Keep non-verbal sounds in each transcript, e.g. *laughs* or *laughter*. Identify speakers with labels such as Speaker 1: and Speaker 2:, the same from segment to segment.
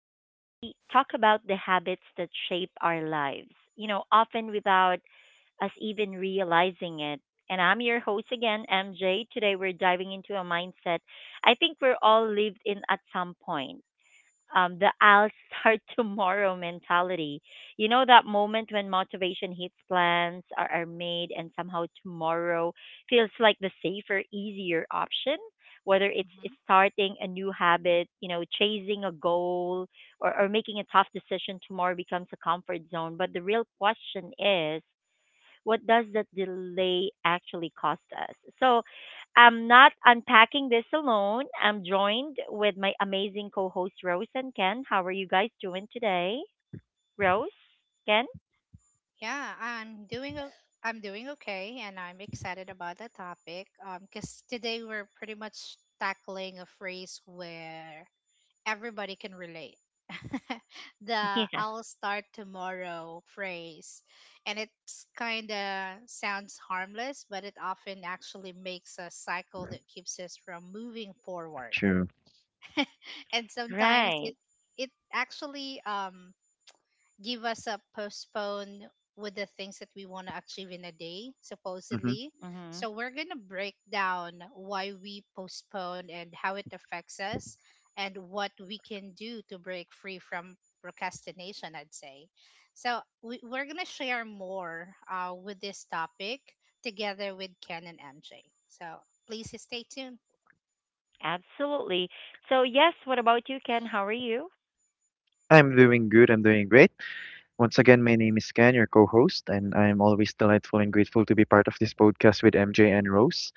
Speaker 1: where we talk about the habits that shape our lives, you know, often without us even realizing it. And I'm your host again, MJ. Today we're diving into a mindset I think we're all lived in at some point the I'll start *laughs* tomorrow mentality. You know, that moment when motivation hits plans are made and somehow tomorrow feels like the safer, easier option, whether it's
Speaker 2: Mhm.
Speaker 1: starting a new habit, you know, chasing a goal or making a tough decision tomorrow becomes a comfort zone. But the real question is, what does that delay actually cost us? So I'm not unpacking this alone. I'm joined with my amazing co host Rose and Ken. How are you guys doing today? Rose? Ken?
Speaker 2: Yeah, I'm doing okay, and I'm excited about the topic. Because today we're pretty much tackling a phrase where everybody can relate. *laughs* The
Speaker 1: *laughs* Yeah.
Speaker 2: "I'll start tomorrow" phrase, and it's kind of sounds harmless, but it often actually makes a cycle that keeps us from moving forward.
Speaker 3: True.
Speaker 2: *laughs* And sometimes
Speaker 1: Right.
Speaker 2: it it actually give us a postpone with the things that we want to achieve in a day,
Speaker 3: hmm
Speaker 2: supposedly.
Speaker 1: Hmm.
Speaker 2: So we're going to break down why we postpone and how it affects us and what we can do to break free from procrastination, I'd say. So we're going to share more with this topic together with Ken and MJ. So please stay tuned.
Speaker 1: Absolutely. So yes, what about you, Ken? How are you?
Speaker 3: I'm doing good. I'm doing great. Once again, my name is Ken, your co-host, and I'm always delightful and grateful to be part of this podcast with MJ and Rose.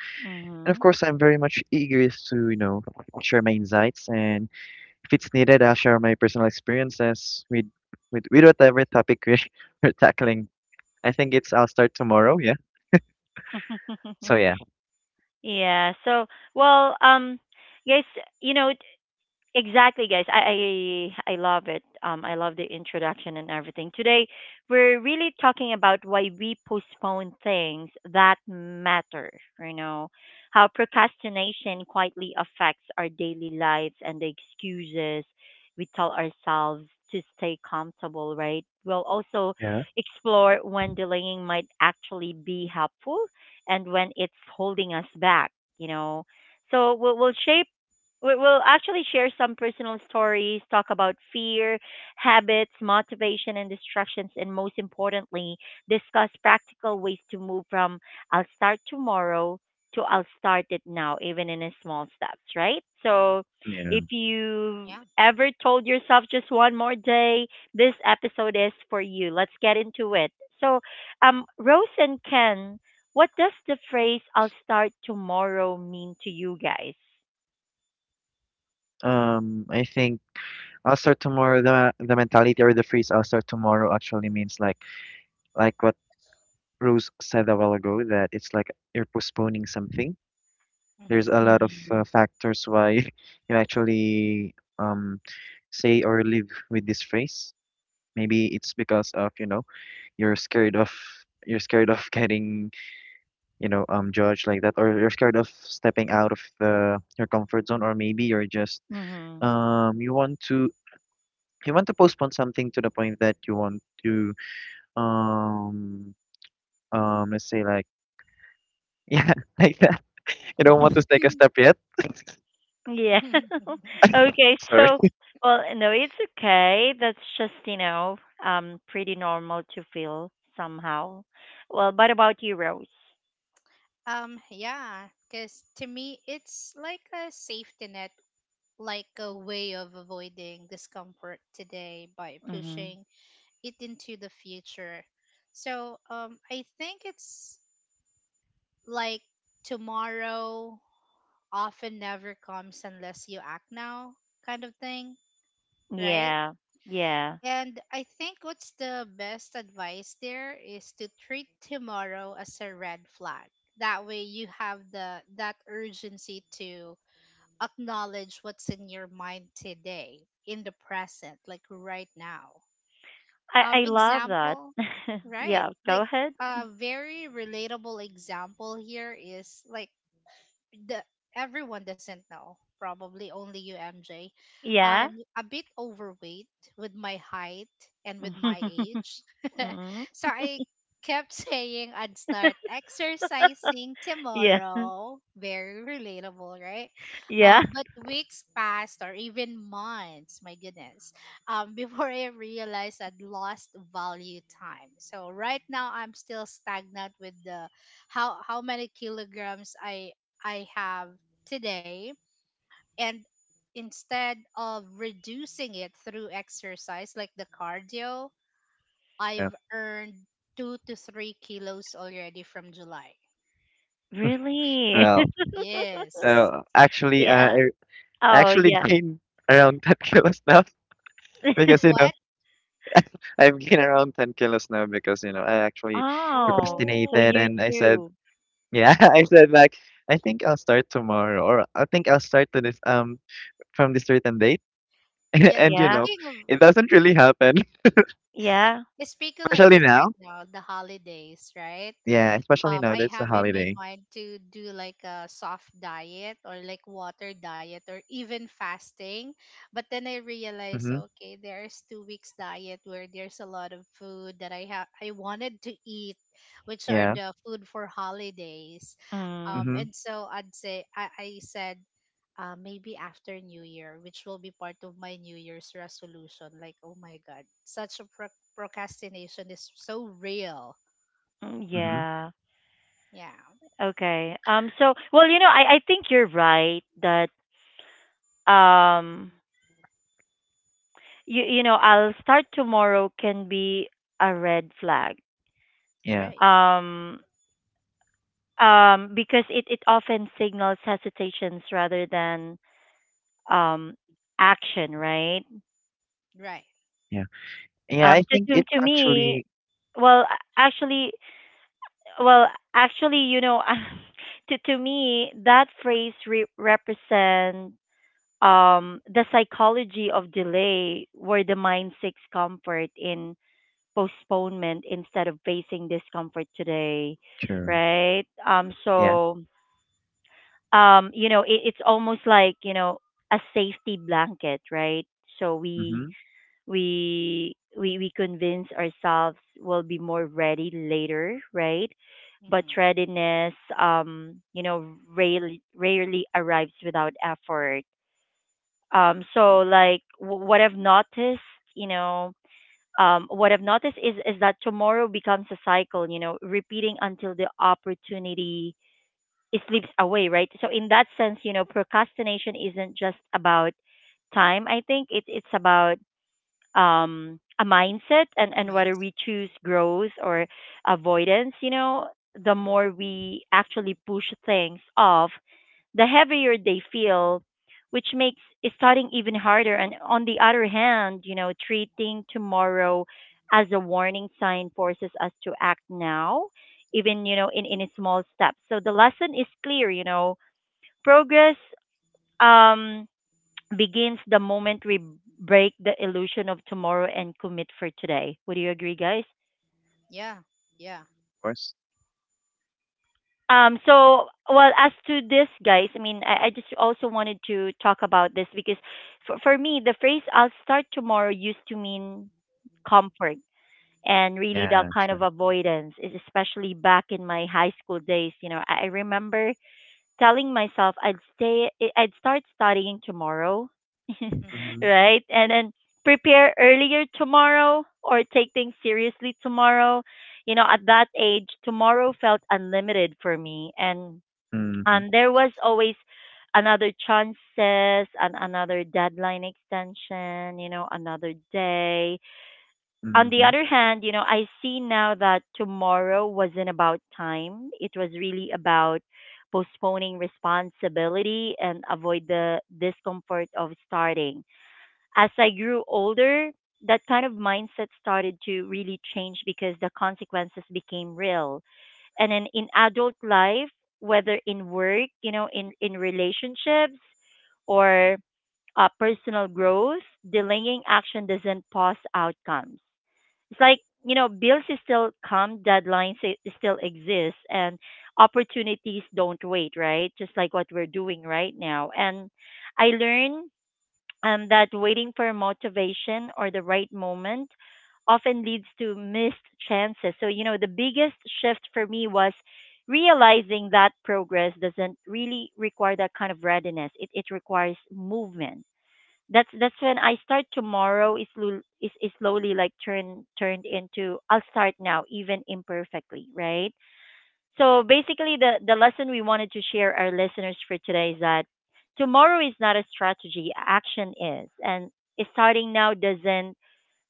Speaker 3: And of
Speaker 1: Hmm.
Speaker 3: course, I'm very much eager to, you know, share my insights, and if it's needed, I'll share my personal experiences with whatever topic we're, *laughs* we're tackling. I think it's I'll start tomorrow. Yeah.
Speaker 1: *laughs*
Speaker 3: So yeah.
Speaker 1: Yeah. So well, guys, you know, exactly, guys. I love it. I love the introduction and everything. Today, we're really talking about why we postpone things that matter. You know, how procrastination quietly affects our daily lives and the excuses we tell ourselves to stay comfortable. Right. We'll also
Speaker 3: Yeah.
Speaker 1: explore when delaying might actually be helpful and when it's holding us back. You know. So we will actually share some personal stories, talk about fear, habits, motivation, and distractions, and most importantly, discuss practical ways to move from I'll start tomorrow to I'll start it now, even in a small steps, right? So
Speaker 3: Yeah.
Speaker 1: if you've
Speaker 2: Yeah.
Speaker 1: ever told yourself just one more day, this episode is for you. Let's get into it. So, Rose and Ken, what does the phrase I'll start tomorrow mean to you guys?
Speaker 3: I think I'll start tomorrow. The mentality or the phrase I'll start tomorrow actually means like what. Rose said a while ago, that it's like you're postponing something. There's a lot of
Speaker 1: Mhm.
Speaker 3: factors why *laughs* you actually say or live with this phrase. Maybe it's because of, you know, you're scared of you're scared of getting, you know, judged like that, or you're scared of stepping out of the your comfort zone, or maybe you're just
Speaker 1: Mm-hmm.
Speaker 3: um you want to you want to postpone something to the point that you want to um let's say like *laughs* yeah like that. You don't want to take a step yet?
Speaker 1: Yeah.
Speaker 2: hmm
Speaker 1: *laughs*
Speaker 2: *laughs*
Speaker 1: Okay.
Speaker 3: Sorry.
Speaker 1: So, well, no, it's okay. That's just, you know, pretty normal to feel somehow. Well, what about you, Rose?
Speaker 2: Yeah, because to me, it's like a safety net, like a way of avoiding discomfort today by
Speaker 1: Mm-hmm.
Speaker 2: pushing it into the future. So, I think it's like tomorrow often never comes unless you act now, kind of thing, right?
Speaker 1: Yeah. Yeah.
Speaker 2: And I think what's the best advice there is to treat tomorrow as a red flag. That way you have the that urgency to acknowledge what's in your mind today, in the present, like right now.
Speaker 1: I love that.
Speaker 2: Example,
Speaker 1: *laughs*
Speaker 2: right.
Speaker 1: Yeah. Go
Speaker 2: Like
Speaker 1: ahead.
Speaker 2: a very relatable example here is like the everyone doesn't know. Probably only you, MJ.
Speaker 1: Yeah.
Speaker 2: I'm a bit overweight with my height and with
Speaker 1: *laughs*
Speaker 2: my
Speaker 1: Mm-hmm.
Speaker 2: age. *laughs* So I kept *laughs* saying I'd start exercising
Speaker 1: Yeah. *laughs*
Speaker 2: tomorrow. Very relatable, right?
Speaker 1: Yeah.
Speaker 2: But weeks passed or even months, my goodness, *laughs* before I realized I'd lost value time. So right now I'm still stagnant with the how many kilograms I have today. And instead of reducing it through exercise like the cardio,
Speaker 3: Yeah.
Speaker 2: I've earned 2 to 3 kilos already from July.
Speaker 1: Really?
Speaker 3: Well,
Speaker 2: Yes,
Speaker 1: *laughs*
Speaker 3: actually,
Speaker 2: too
Speaker 1: Yeah.
Speaker 2: bad.
Speaker 3: I
Speaker 1: Oh,
Speaker 3: actually *laughs*
Speaker 1: yeah.
Speaker 3: gained around 10 kilos now. *laughs* Because, you
Speaker 1: *laughs*
Speaker 3: know,
Speaker 2: What?
Speaker 3: I've gained around 10 kilos now because, you know, I actually
Speaker 1: Oh, so
Speaker 3: procrastinated
Speaker 1: you
Speaker 2: Oh,
Speaker 3: and I said,
Speaker 1: too.
Speaker 3: yeah, *laughs* I said, like, I think I'll start tomorrow or I think I'll start to this, from this certain date. *laughs*
Speaker 2: yeah.
Speaker 3: And, you
Speaker 1: Yeah.
Speaker 3: know,
Speaker 2: Speaking of,
Speaker 3: it doesn't really happen. *laughs*
Speaker 1: Yeah.
Speaker 2: *laughs* speaking of
Speaker 3: Especially
Speaker 2: this
Speaker 3: now.
Speaker 2: right now, the holidays, right?
Speaker 3: Yeah, especially now that
Speaker 2: I
Speaker 3: it's a
Speaker 2: have in my
Speaker 3: holiday.
Speaker 2: mind to do like a soft diet or like water diet or even fasting. But then I realized
Speaker 3: Mm-hmm.
Speaker 2: okay, there's 2 weeks diet where there's a lot of food that I wanted to eat, which are
Speaker 3: Yeah.
Speaker 2: the food for holidays.
Speaker 1: Mm.
Speaker 3: Mm-hmm.
Speaker 2: And so I said maybe after New Year, which will be part of my New Year's resolution. Like, oh my God, such a procrastination is so real.
Speaker 1: Mm,
Speaker 3: Mm-hmm.
Speaker 1: yeah.
Speaker 2: Yeah,
Speaker 1: Okay. So well, you know, I think you're right that um you know, I'll start tomorrow can be a red flag.
Speaker 3: Yeah.
Speaker 2: right.
Speaker 1: Um because it it often signals hesitations rather than um action, right?
Speaker 2: Right.
Speaker 3: Yeah. Yeah, I
Speaker 1: Um to
Speaker 3: think
Speaker 1: to,
Speaker 3: it
Speaker 1: to me,
Speaker 3: actually
Speaker 1: well, actually well, actually, you know, *laughs* to me that phrase represents the psychology of delay, where the mind seeks comfort in postponement instead of facing discomfort today,
Speaker 3: sure.
Speaker 1: right?
Speaker 3: Yeah.
Speaker 1: So, you know, it's almost like you know a safety blanket, right? So we
Speaker 3: Mhm.
Speaker 1: we we we convince ourselves we'll be more ready later, right? But
Speaker 2: Mm-hmm.
Speaker 1: readiness, you know, rarely arrives without effort so like what I've noticed, you know, what I've noticed is that tomorrow becomes a cycle, you know, repeating until the opportunity slips away, right? So in that sense, you know, procrastination isn't just about time. I think it's about a mindset
Speaker 2: A
Speaker 1: and whether
Speaker 2: mindset.
Speaker 1: we choose growth or avoidance. You know, the more
Speaker 2: Mm-hmm.
Speaker 1: we actually push things off the heavier they feel, which makes starting even harder. And on the other hand, you know, treating tomorrow as a warning sign forces us to act now, even, you know, in a small steps. So the lesson is clear, you know, progress um, begins the moment we break the illusion of tomorrow and commit for today. Would you agree, guys?
Speaker 2: Yeah. Yeah.
Speaker 3: Of course.
Speaker 1: So, well, as to this, guys, I mean, I just also wanted to talk about this because for me, the phrase I'll start tomorrow used to mean comfort and really that
Speaker 3: Yeah,
Speaker 1: kind
Speaker 3: sure.
Speaker 1: of avoidance, especially back in my high school days. You know, I remember telling myself I'd start studying tomorrow, *laughs*
Speaker 2: Mm-hmm.
Speaker 3: Mhm.
Speaker 1: right? And then prepare earlier tomorrow or take things seriously tomorrow you know, at that age, tomorrow felt unlimited for me.
Speaker 3: Mhm.
Speaker 1: And there was always another chances and another deadline extension, you know, another day. On the
Speaker 3: Mhm.
Speaker 1: other hand, you know, I see now that tomorrow wasn't about time. It was really about postponing responsibility and avoid the discomfort of starting. As I grew older, that kind of mindset started to really change because the consequences became real and then in adult life whether in work you know in relationships or personal growth delaying action doesn't pause outcomes it's like you know bills is still come deadlines still exist and opportunities don't wait right just like what we're doing right now and I learned that waiting for motivation or the right moment often leads to missed chances. So, you know, the biggest shift for me was realizing that progress doesn't really require that kind of readiness. It requires movement. That's when I start tomorrow is slowly like turned into I'll start now even imperfectly, right? So
Speaker 2: Right.
Speaker 1: basically, the lesson we wanted to share our listeners for today is that tomorrow is not a strategy, action is. And starting now doesn't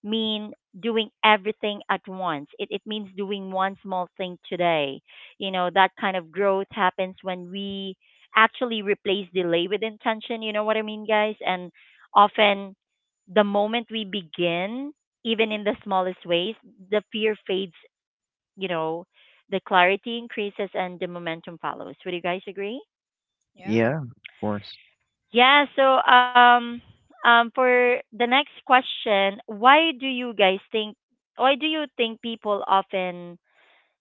Speaker 1: mean doing everything at once. It means doing one small thing today. You know, that kind of growth happens when we actually replace delay with intention. You know what I mean, guys? And often the moment we begin, even in the smallest ways, the fear fades you know, the clarity increases and the momentum follows. Would you guys agree?
Speaker 3: Yeah,
Speaker 2: Yeah.
Speaker 3: of course.
Speaker 1: Yeah, so um for the next question, why do you think people often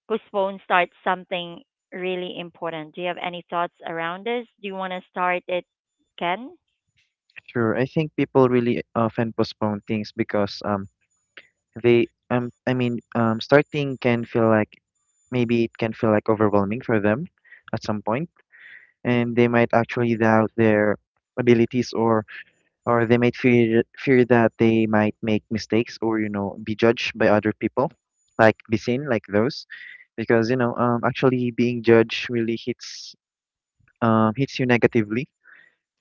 Speaker 1: postpone start something really important? Do you have any thoughts around this? Do you want to start it, Ken?
Speaker 3: Sure. I think people really often postpone things because they I mean starting can feel like maybe it can feel like overwhelming for them at some point, and they might actually doubt their abilities or they might fear that they might make mistakes or, you know, be judged by other people, like be seen like those, because, you know, actually being judged really hits hits you negatively.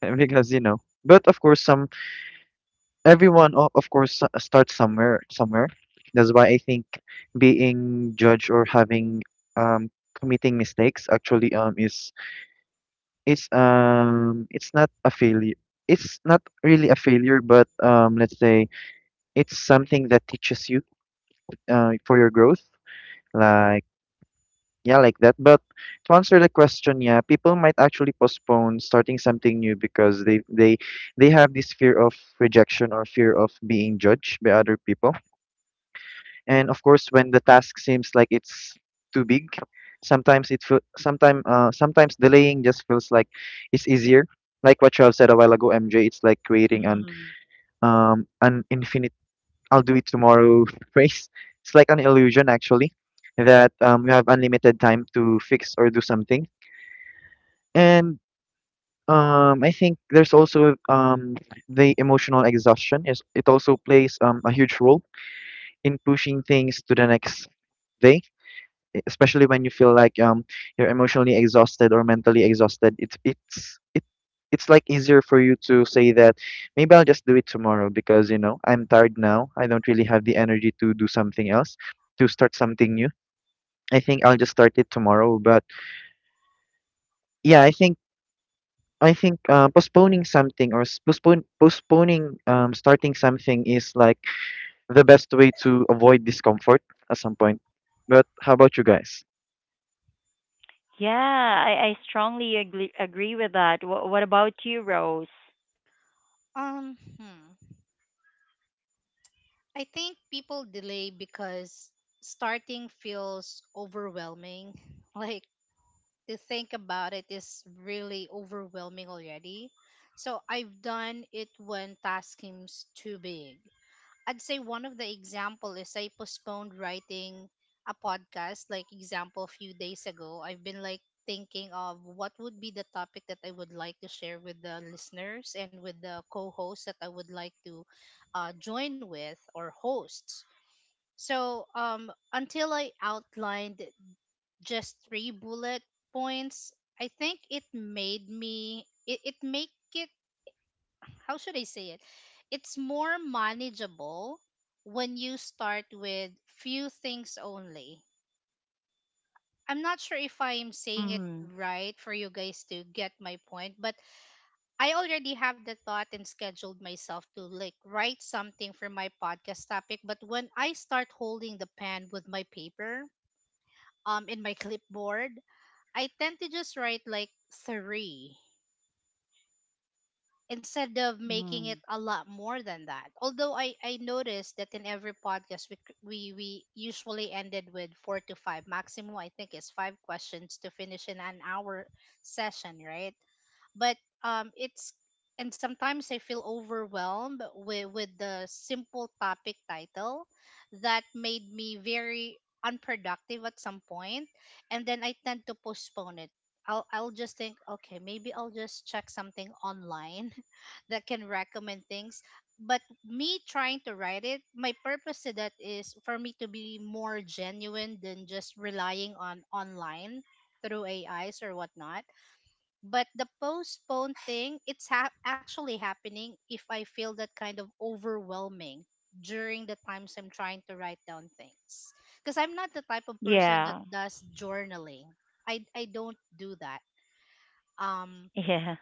Speaker 3: *laughs* Because, you know. But of course, some of course starts somewhere. Somewhere. That's why I think being judged or having um committing mistakes actually is it's not a failure. It's not really a failure, but let's say it's something that teaches you for your growth. Like yeah, like that. But to answer the question, yeah, people might actually postpone starting something new because they they have this fear of rejection or fear of being judged by other people. And of course, when the task seems like it's too big, sometimes it feel sometimes sometimes delaying just feels like it's easier. Like what you have said a while ago, MJ, it's like creating
Speaker 1: Mhm.
Speaker 3: an infinite "I'll do it tomorrow" *laughs* race. It's like an illusion actually that you have unlimited time to fix or do something. And I think there's also the emotional exhaustion. Is it also plays a huge role in pushing things to the next day, especially when you feel like you're emotionally exhausted or mentally exhausted. It it's like easier for you to say that maybe I'll just do it tomorrow because, you know, I'm tired now. I don't really have the energy to do something else, to start something new. I think I'll just start it tomorrow. But yeah, I think postponing something or s- postpone postponing starting something is like the best way to avoid discomfort at some point. But how about you guys?
Speaker 1: Yeah, I,
Speaker 2: Wow.
Speaker 1: I strongly agree with that. What about you, Rose?
Speaker 2: Um, hmm. I think people delay because starting feels overwhelming. *laughs* Like to think about it is really overwhelming already. So I've done it when task seems too big. I'd say one of the example is I postponed writing a podcast, like example a few days ago. I've been like thinking of what would be the topic that I would like to share with the listeners and with the co-hosts that I would like to join with or hosts. So until I outlined just three bullet points, I think it make it, how should I say it? It's more manageable when you start with few things only. I'm not sure if I'm saying it
Speaker 1: Mm,
Speaker 2: right for you guys to get my point, but I already have the thought and scheduled myself to like write something for my podcast topic. But when I start holding the pen with my paper, in my *laughs* clipboard, I tend to just write like three, instead of making it
Speaker 1: hmm.
Speaker 2: a lot more than that. Although I noticed that in every podcast we, c- we usually ended with 4 to 5 maximum, I think it's 5 questions to finish in an hour session, right? But it's and sometimes I feel overwhelmed with the simple topic title that made me very unproductive at some point, and then I tend to postpone it. I'll just think okay, maybe I'll just check something online *laughs* that can recommend things, but me trying to write it, my purpose to that is for me to be more genuine than just relying on online through ais or whatnot. But the postpone thing, it's actually happening if I feel that kind of overwhelming during the times I'm trying to write down things. Because I'm not the type of person that
Speaker 1: Yeah,
Speaker 2: does journaling. I don't do that. Um,
Speaker 1: *laughs* yeah.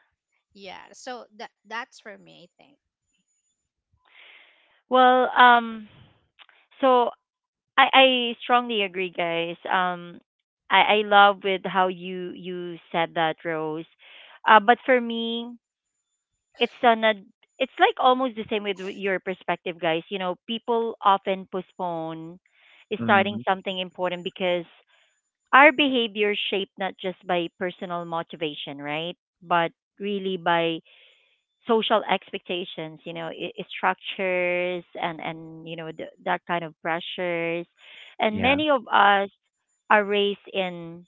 Speaker 2: yeah. So that that's for me, I think.
Speaker 1: Well, so I strongly agree, guys. I love with how you you said that, Rose. But for me, it's an ad- it's like almost the same with your perspective, guys. You know, people often postpone starting
Speaker 3: Mm-hmm.
Speaker 1: something important because our behavior shaped not just by personal motivation, right? But really by social expectations you know structures and you know that kind of pressures and
Speaker 3: Yeah,
Speaker 1: many of us are raised in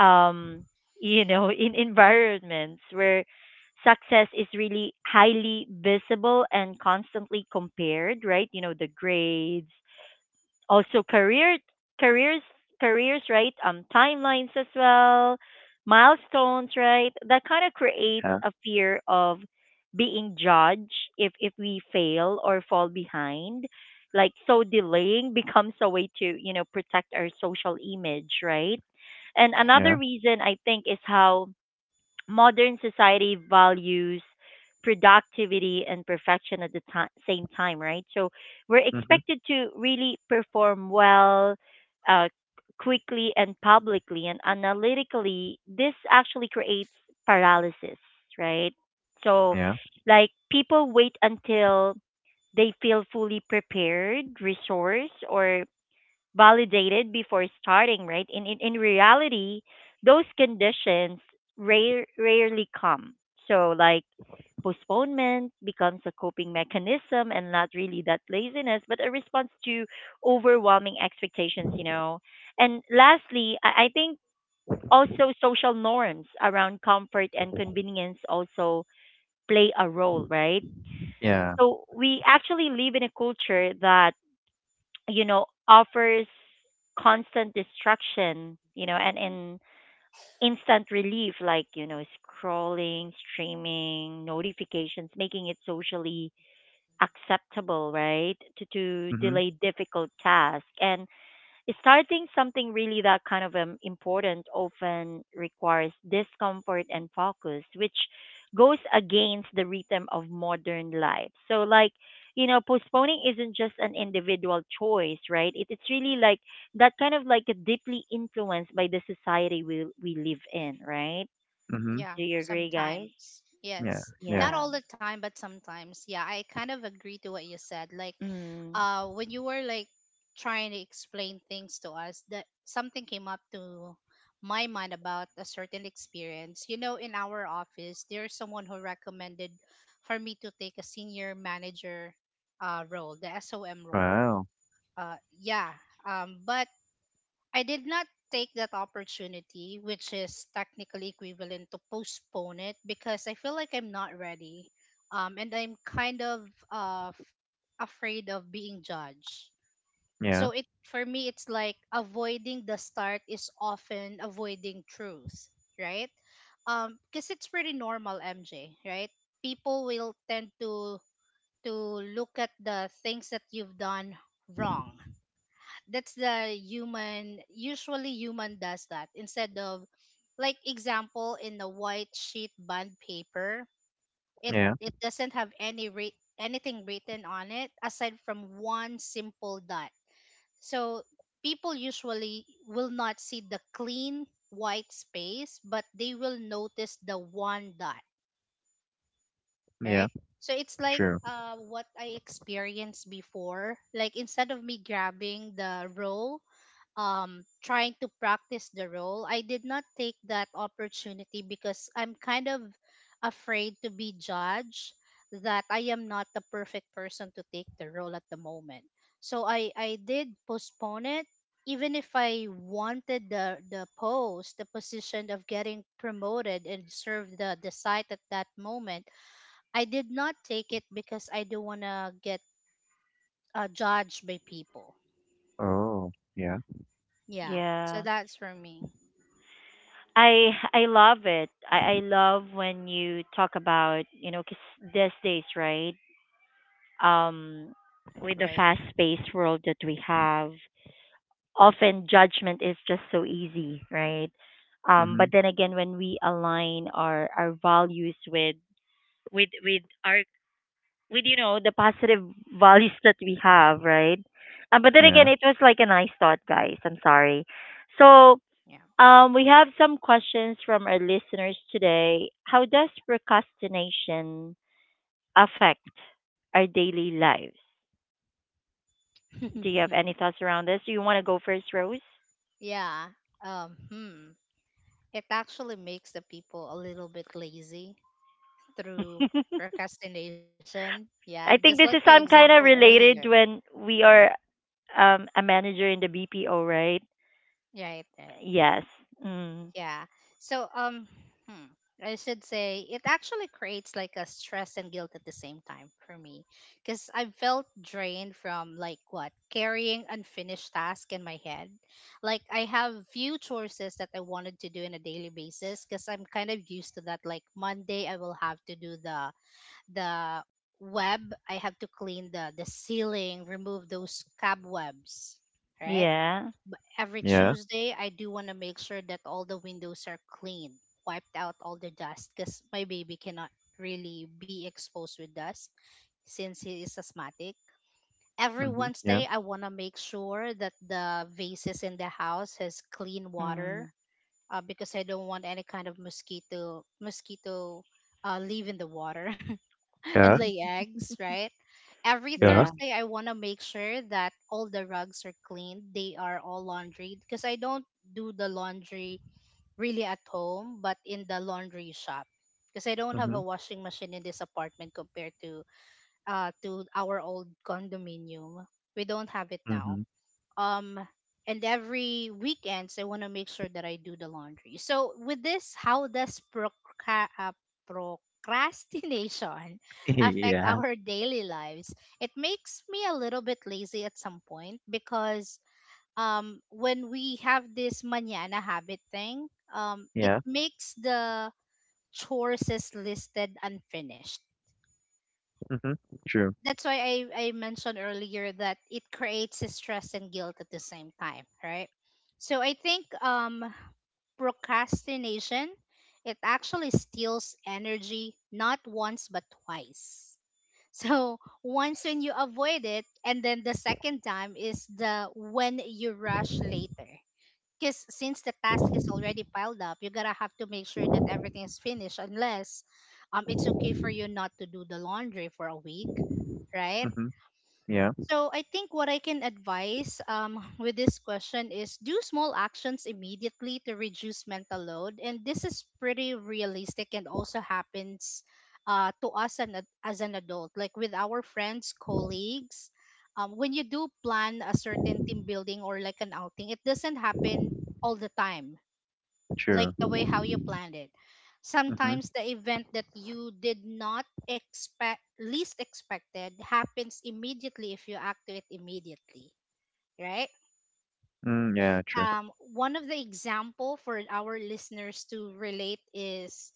Speaker 1: um you know *laughs* in environments where success is really highly visible and constantly compared right you know the grades also career careers careers right timelines as well milestones right that kind of creates
Speaker 3: yeah,
Speaker 1: a fear of being judged if we fail or fall behind like so delaying *laughs* becomes a way to you know protect our social image right and
Speaker 2: Right.
Speaker 3: yeah.
Speaker 1: another reason I think is how modern society values productivity and perfection at the same time, right? So we're
Speaker 3: Mm-hmm.
Speaker 1: expected to really perform well, uh, quickly and publicly and analytically. This actually creates paralysis, right? So,
Speaker 3: Yeah,
Speaker 1: like, people wait until they feel fully prepared, resourced, or validated before starting, right? In reality, those conditions rarely come. So like postponement becomes a coping mechanism and not really that laziness, but a response to overwhelming expectations, you know. And lastly, I think also social norms around comfort and convenience also play a role, right?
Speaker 2: Right.
Speaker 3: yeah.
Speaker 1: So we actually live in a culture that you know, offers constant distraction, you know, and instant relief like, you know, scrolling, streaming, notifications, making it socially acceptable, right? To
Speaker 3: Mm-hmm.
Speaker 1: delay difficult tasks. And starting something really that kind of important often requires discomfort and focus, which goes against the rhythm of modern life. So, like, you know, postponing isn't just an individual choice, right? It's really like that kind of like deeply influenced by the society we live in, right?
Speaker 3: Mm-hmm.
Speaker 1: Do
Speaker 2: Yeah,
Speaker 1: you agree, guys?
Speaker 2: sometimes.
Speaker 3: Yeah,
Speaker 2: Yes.
Speaker 3: yeah.
Speaker 2: Not
Speaker 1: Yeah.
Speaker 2: all the time, but sometimes. Yeah, I kind of agree to what you said. Like,
Speaker 1: Mm,
Speaker 2: when you were like trying to explain things to us, that something came up to my mind about a certain experience. You know, in our office, there's someone who recommended for me to take a senior manager role, the SOM role.
Speaker 3: Wow.
Speaker 2: Yeah. But I did not take that opportunity, which is technically equivalent to postpone it because I feel like I'm not ready. And I'm kind of afraid of being judged.
Speaker 3: Yeah,
Speaker 2: So it for me, it's like avoiding the start is often avoiding truth, right? Because it's pretty normal, MJ, right? People will tend to to look at the things that you've done wrong. That's the human, usually human does that, instead of like example in a white sheet bond paper, it
Speaker 3: yeah,
Speaker 2: it doesn't have any anything written on it aside from one simple dot. So people usually will not see the clean white space, but they will notice the one dot, right?
Speaker 3: yeah.
Speaker 2: So it's like,
Speaker 3: True.
Speaker 2: what I experienced before, like instead of me grabbing the roll, trying to practice the role, I did not take that opportunity because I'm kind of afraid to be judged that I am not the perfect person to take the role at the moment. So I did postpone it, even if I wanted the position of getting promoted and serve the site at that moment. I did not take it because I do not want to get judged by people.
Speaker 3: Oh, yeah.
Speaker 2: Yeah, so
Speaker 1: yeah.
Speaker 2: that's for me,
Speaker 1: I love it. I love when you talk about you know 'cause these days, right? Um, with the
Speaker 2: right?
Speaker 1: fast paced world that we have, often judgment is just so easy, right? But
Speaker 3: Mhm.
Speaker 1: then again, when we align our values with with our with you know the positive *laughs* values that we have, right? But then
Speaker 3: Yeah.
Speaker 1: again, it was like a nice thought, guys. I'm sorry. So
Speaker 2: Yeah.
Speaker 1: we have some questions from our listeners today. How does procrastination affect our daily lives? Do you have any
Speaker 2: *laughs*
Speaker 1: thoughts around this? Do you want to go first, Rose?
Speaker 2: Yeah. Um, hmm. It actually makes the people a little bit lazy
Speaker 1: *laughs*
Speaker 2: through procrastination. Yeah, just like
Speaker 1: I
Speaker 2: my
Speaker 1: think this is some
Speaker 2: example
Speaker 1: kind of
Speaker 2: earlier.
Speaker 1: related when we are a manager in the BPO, right?
Speaker 2: Right, right.
Speaker 1: Yes. Mm.
Speaker 2: Yeah. So hmm, I should say it actually creates like a stress and guilt at the same time for me, cuz I felt drained from like what carrying unfinished task in my head. Like I have few choices that I wanted to do in a daily basis, cuz I'm kind of used to that, like Monday I will have to do the web, I have to clean the ceiling, remove those cobwebs, right?
Speaker 1: Yeah.
Speaker 2: Every
Speaker 3: Yeah.
Speaker 2: Tuesday, I do want to make sure that all the windows are clean, wiped out all the dust because my baby cannot really be exposed with dust since he is asthmatic. Every
Speaker 3: Mhm. Yeah.
Speaker 2: Wednesday, I want to make sure that the vases in the house has clean water,
Speaker 1: Mm.
Speaker 2: because I don't want any kind of mosquito live in the water, *laughs* and
Speaker 3: Yeah,
Speaker 2: lay eggs, right? Every
Speaker 3: yeah.
Speaker 1: Yeah.
Speaker 2: Thursday, I want to make sure that all the rugs are cleaned. They are all laundry because I don't do the laundry really at home, but in the laundry shop because I don't have a
Speaker 3: Mhm.
Speaker 2: washing machine in this apartment compared to our old condominium. We don't have it now,
Speaker 3: Mhm.
Speaker 2: um and every weekends I want to make sure that I do the laundry. So with this, how does procrastination *laughs*
Speaker 3: *laughs*
Speaker 2: affect
Speaker 3: Yeah.
Speaker 2: our daily lives? It makes me a little bit lazy at some point because when we have this manana habit thing, it
Speaker 3: Yeah.
Speaker 2: makes the chores is listed unfinished.
Speaker 3: Mhm. True.
Speaker 2: That's why I mentioned earlier that it creates stress and guilt at the same time, right? So I think procrastination, it actually steals energy not once but twice. *laughs* So once when you avoid it, and then the second time is the when you rush later. Because since the task is already piled up, you gotta have to make sure that everything is finished unless it's okay for you not to do the laundry for a week, right?
Speaker 3: Mhm. Yeah.
Speaker 2: So I think what I can advise *laughs* with this question is do small actions immediately to reduce mental load, and this is pretty realistic and also happens to us as an adult, like with our friends, colleagues. When you do plan a certain team building or like an outing, it doesn't happen all the time like
Speaker 3: True.
Speaker 2: the way how you planned it.
Speaker 3: Mhm.
Speaker 2: Sometimes the event that you did not expect, least expected, happens immediately if you act to it immediately, right?
Speaker 3: Mm, yeah, true.
Speaker 2: One of the example for our listeners to relate is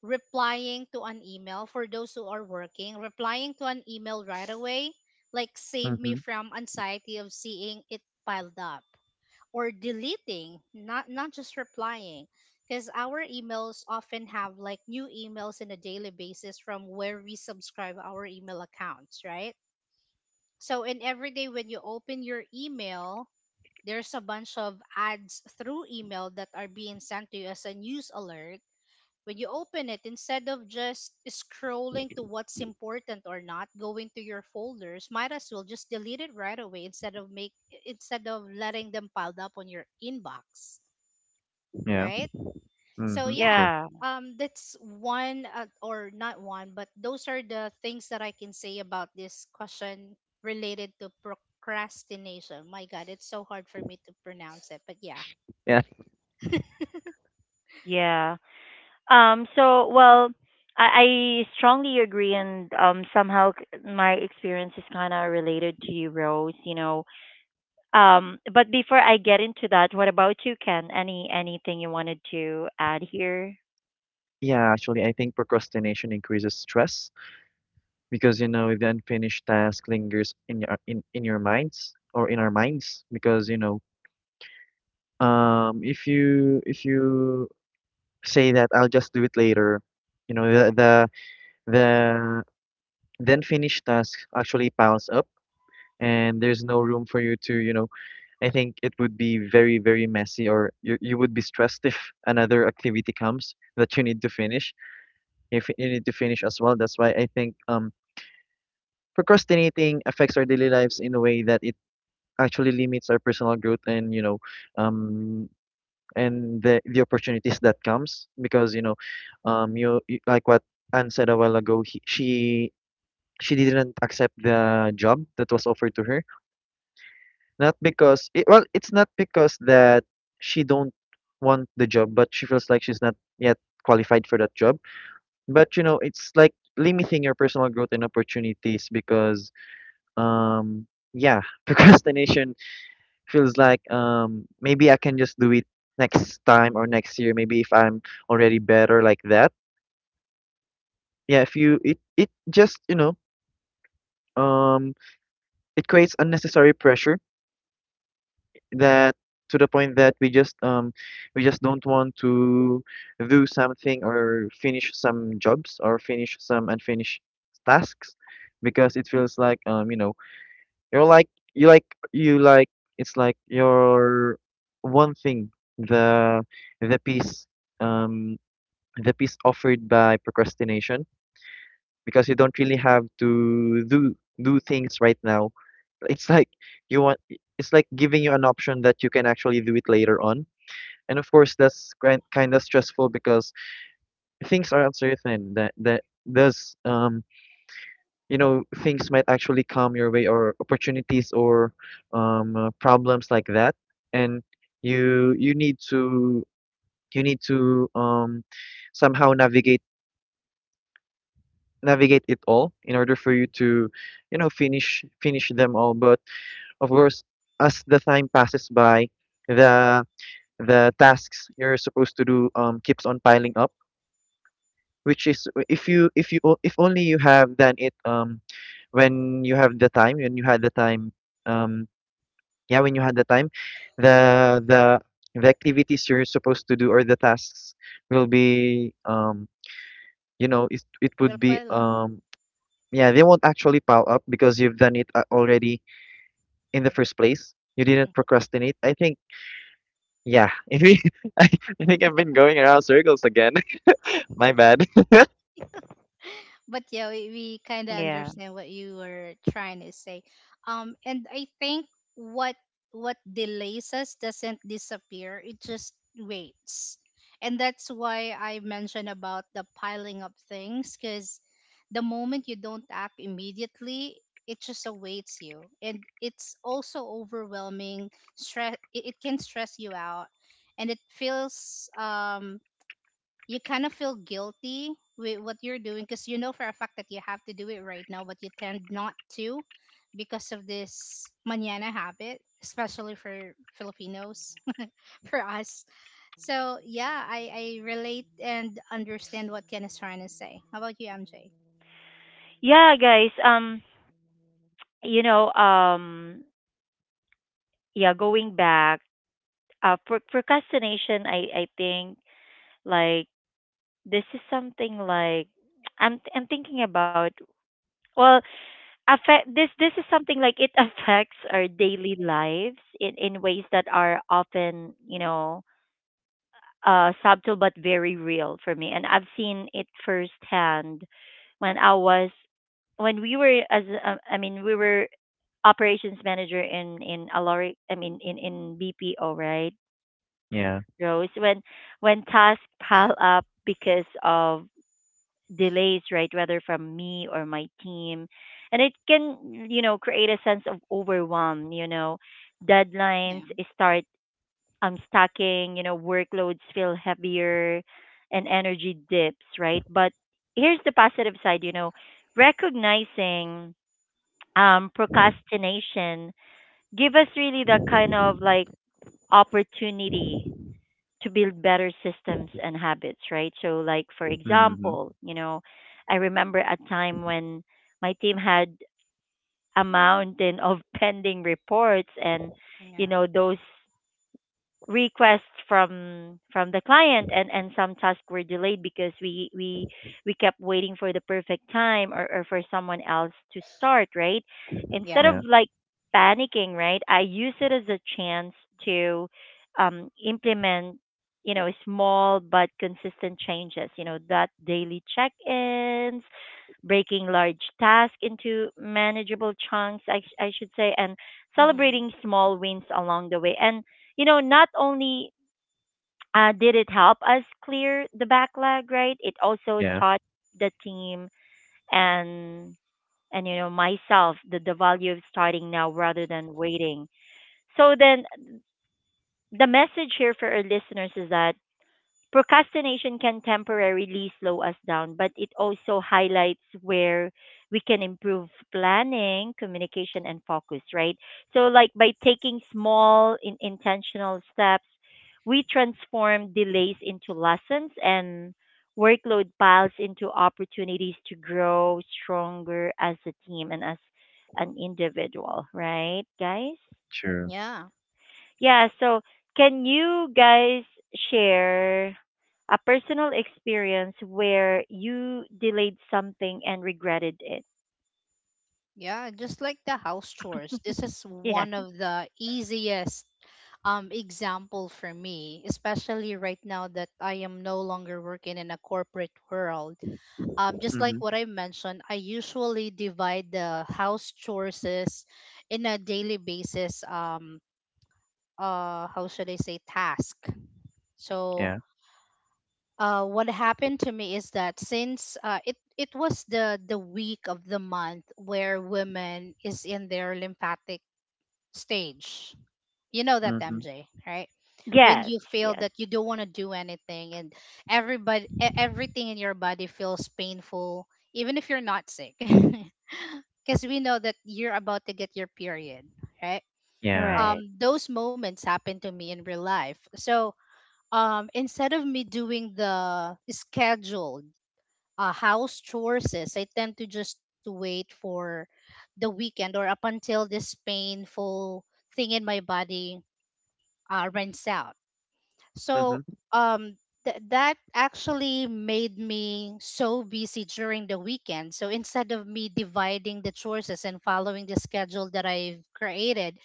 Speaker 2: replying to an email, for those who are working, replying to an email right away, like save me
Speaker 3: Mhm.
Speaker 2: from anxiety of seeing it piled up or deleting, not just replying. Because our emails often have like new emails in a daily basis from where we subscribe our email accounts, right? So in every day when you open your email, there's a bunch of ads through email that are being sent to you as a news alert when you open it, instead of just scrolling to what's important or not going to your folders, might as well just delete it right away instead of letting them piled up on your inbox,
Speaker 3: Yeah.
Speaker 2: right? So
Speaker 3: Mhm.
Speaker 2: yeah,
Speaker 3: True.
Speaker 1: Yeah.
Speaker 2: that's one, or not one, but those are the things that I can say about this question related to procrastination. My god, it's so hard for me to pronounce it, but yeah.
Speaker 3: Yeah.
Speaker 2: *laughs*
Speaker 1: Yeah. So, well, I strongly agree, and somehow my experience is kind of related to you, Rose. You know, but before I get into that, what about you, Ken? Anything you wanted to add here?
Speaker 3: Yeah, actually, I think procrastination increases stress because, you know, the unfinished task lingers in your minds or in our minds because, you know, if you say that I'll just do it later, you know the the unfinished task actually piles up and there's no room for you to, you know, I think it would be very very messy or you would be stressed if another activity comes that you need to finish if you need to finish as well. That's why I think procrastinating affects our daily lives in a way that it actually limits our personal growth and, you know, um and the opportunities that comes because, you know, you like what Anne said a while ago she didn't accept the job that was offered to her, not because it, well it's not because that she don't want the job, but she feels like she's not yet qualified for that job. But, you know, it's like limiting your personal growth and opportunities because um yeah, *laughs* procrastination feels like maybe I can just do it next time or next year, maybe if I'm already better like that. Yeah, if you it it just, you know, um it creates unnecessary pressure that to the point that we just don't want to do something or finish some jobs or finish some unfinished tasks because it feels like you know. You're like you like you like It's like your one thing the the piece um the piece offered by procrastination because you don't really have to do things right now. It's like you want it's like giving you an option that you can actually do it later on. And of course that's kind of stressful because things are uncertain that that does you know things might actually come your way, or opportunities, or problems like that. And you you need to somehow navigate it all in order for you to, you know, finish them all. But of course, as the time passes by, the the tasks you're supposed to do keeps on piling up, which is if if only you have done it when you have the time, when you had the time. um Yeah, when you had the time, the the the activities you're supposed to do or the tasks will be you know it it would be
Speaker 2: Galpalop.
Speaker 3: yeah, they won't actually pile up because you've done it already in the first place. You didn't procrastinate. I think yeah. *laughs* If we, *laughs* I, I think I've been going around circles again. *laughs* My bad. *laughs*
Speaker 2: But yeah, we kind of
Speaker 1: Yeah.
Speaker 2: understand what you were trying to say. And I think what what delays us doesn't disappear; it just waits. And that's why I mentioned about the piling up things, because the moment you don't act immediately, it just awaits you, and it's also overwhelming. Stress, it can stress you out, and it feels, you kind of feel guilty with what you're doing because you know for a fact that you have to do it right now, but you tend not to because of this manana habit, especially for Filipinos, *laughs* for us. So yeah, I relate and understand what Ken is trying to say. How about you, MJ?
Speaker 1: Yeah, guys. You know, um, yeah, going back, procrastination, I think like this is something like *tsk* I'm thinking about, well, affect this, this is something like it *laughs* affects our daily lives in ways that are often, subtle but very real for me. And I've seen it firsthand when I was when we were operations manager in Aloric, I mean in BPO, right,
Speaker 3: Yeah.
Speaker 1: Rose? When tasks
Speaker 2: Yeah,
Speaker 1: pile up because of delays, right, whether from me or my team, and it can, you know, create a sense of overwhelm. You know,
Speaker 2: yeah,
Speaker 1: deadlines start stacking. You know, workloads feel heavier, and energy dips, right? But here's the positive side. You know, recognizing procrastination give us really that kind of like opportunity to build better systems and habits, right? So, like for
Speaker 3: Mm-hmm.
Speaker 1: example, you know, I remember a time when my team had a mountain of *laughs* pending reports, and you
Speaker 2: yeah,
Speaker 1: know those requests from the client, and some tasks were delayed because we kept waiting for the perfect time, or for someone else to start, right, instead
Speaker 2: yeah.
Speaker 1: of
Speaker 3: Yeah.
Speaker 1: panicking. Right, I use it as a chance to implement, you know, small but consistent changes. You know, that daily check-ins, breaking large tasks into manageable chunks, I should say, and
Speaker 2: Mm-hmm.
Speaker 1: celebrating small wins along the way. And you know, not only did it help us clear the backlog, right? It also
Speaker 3: Yeah.
Speaker 1: taught the team and you know myself the value of starting now rather than waiting. So then the message here for our listeners is that procrastination can temporarily slow us down, but it also highlights where we can improve planning, communication, and focus, right? So, like by taking intentional steps, we transform delays into lessons and workload piles into opportunities to grow stronger as a team and as an individual, right, guys?
Speaker 3: True.
Speaker 2: Yeah,
Speaker 1: Yeah, so can you guys share a personal experience where you delayed something and regretted it?
Speaker 2: yeah. Just like the house chores, this is
Speaker 1: Yeah.
Speaker 2: one of the easiest, example for me, especially right now that I am no longer working in a corporate world. Just like
Speaker 3: Mm-hmm.
Speaker 2: what I mentioned, I usually divide the house chores in a daily basis, how should I say, task. So,
Speaker 3: Yeah.
Speaker 2: what happened to me is that since, it was the week of the month where women is in their lymphatic stage. You know that
Speaker 3: Mm-hmm.
Speaker 2: MJ, right? When
Speaker 1: Yes,
Speaker 2: you feel
Speaker 1: yes.
Speaker 2: that you don't want to do anything and everything in your body feels painful even if you're not sick. *laughs* Cuz we know that you're about to get your period, right?
Speaker 3: Yeah.
Speaker 1: Right.
Speaker 2: Those moments happen to me in real life. So, instead of me doing the scheduled, house chores, I tend to just wait for the weekend or up until this painful thing in my body, rents out. So,
Speaker 3: Mm-hmm.
Speaker 2: um, that actually made me so busy during the weekend. So instead of me dividing the chores and following the schedule that I've created,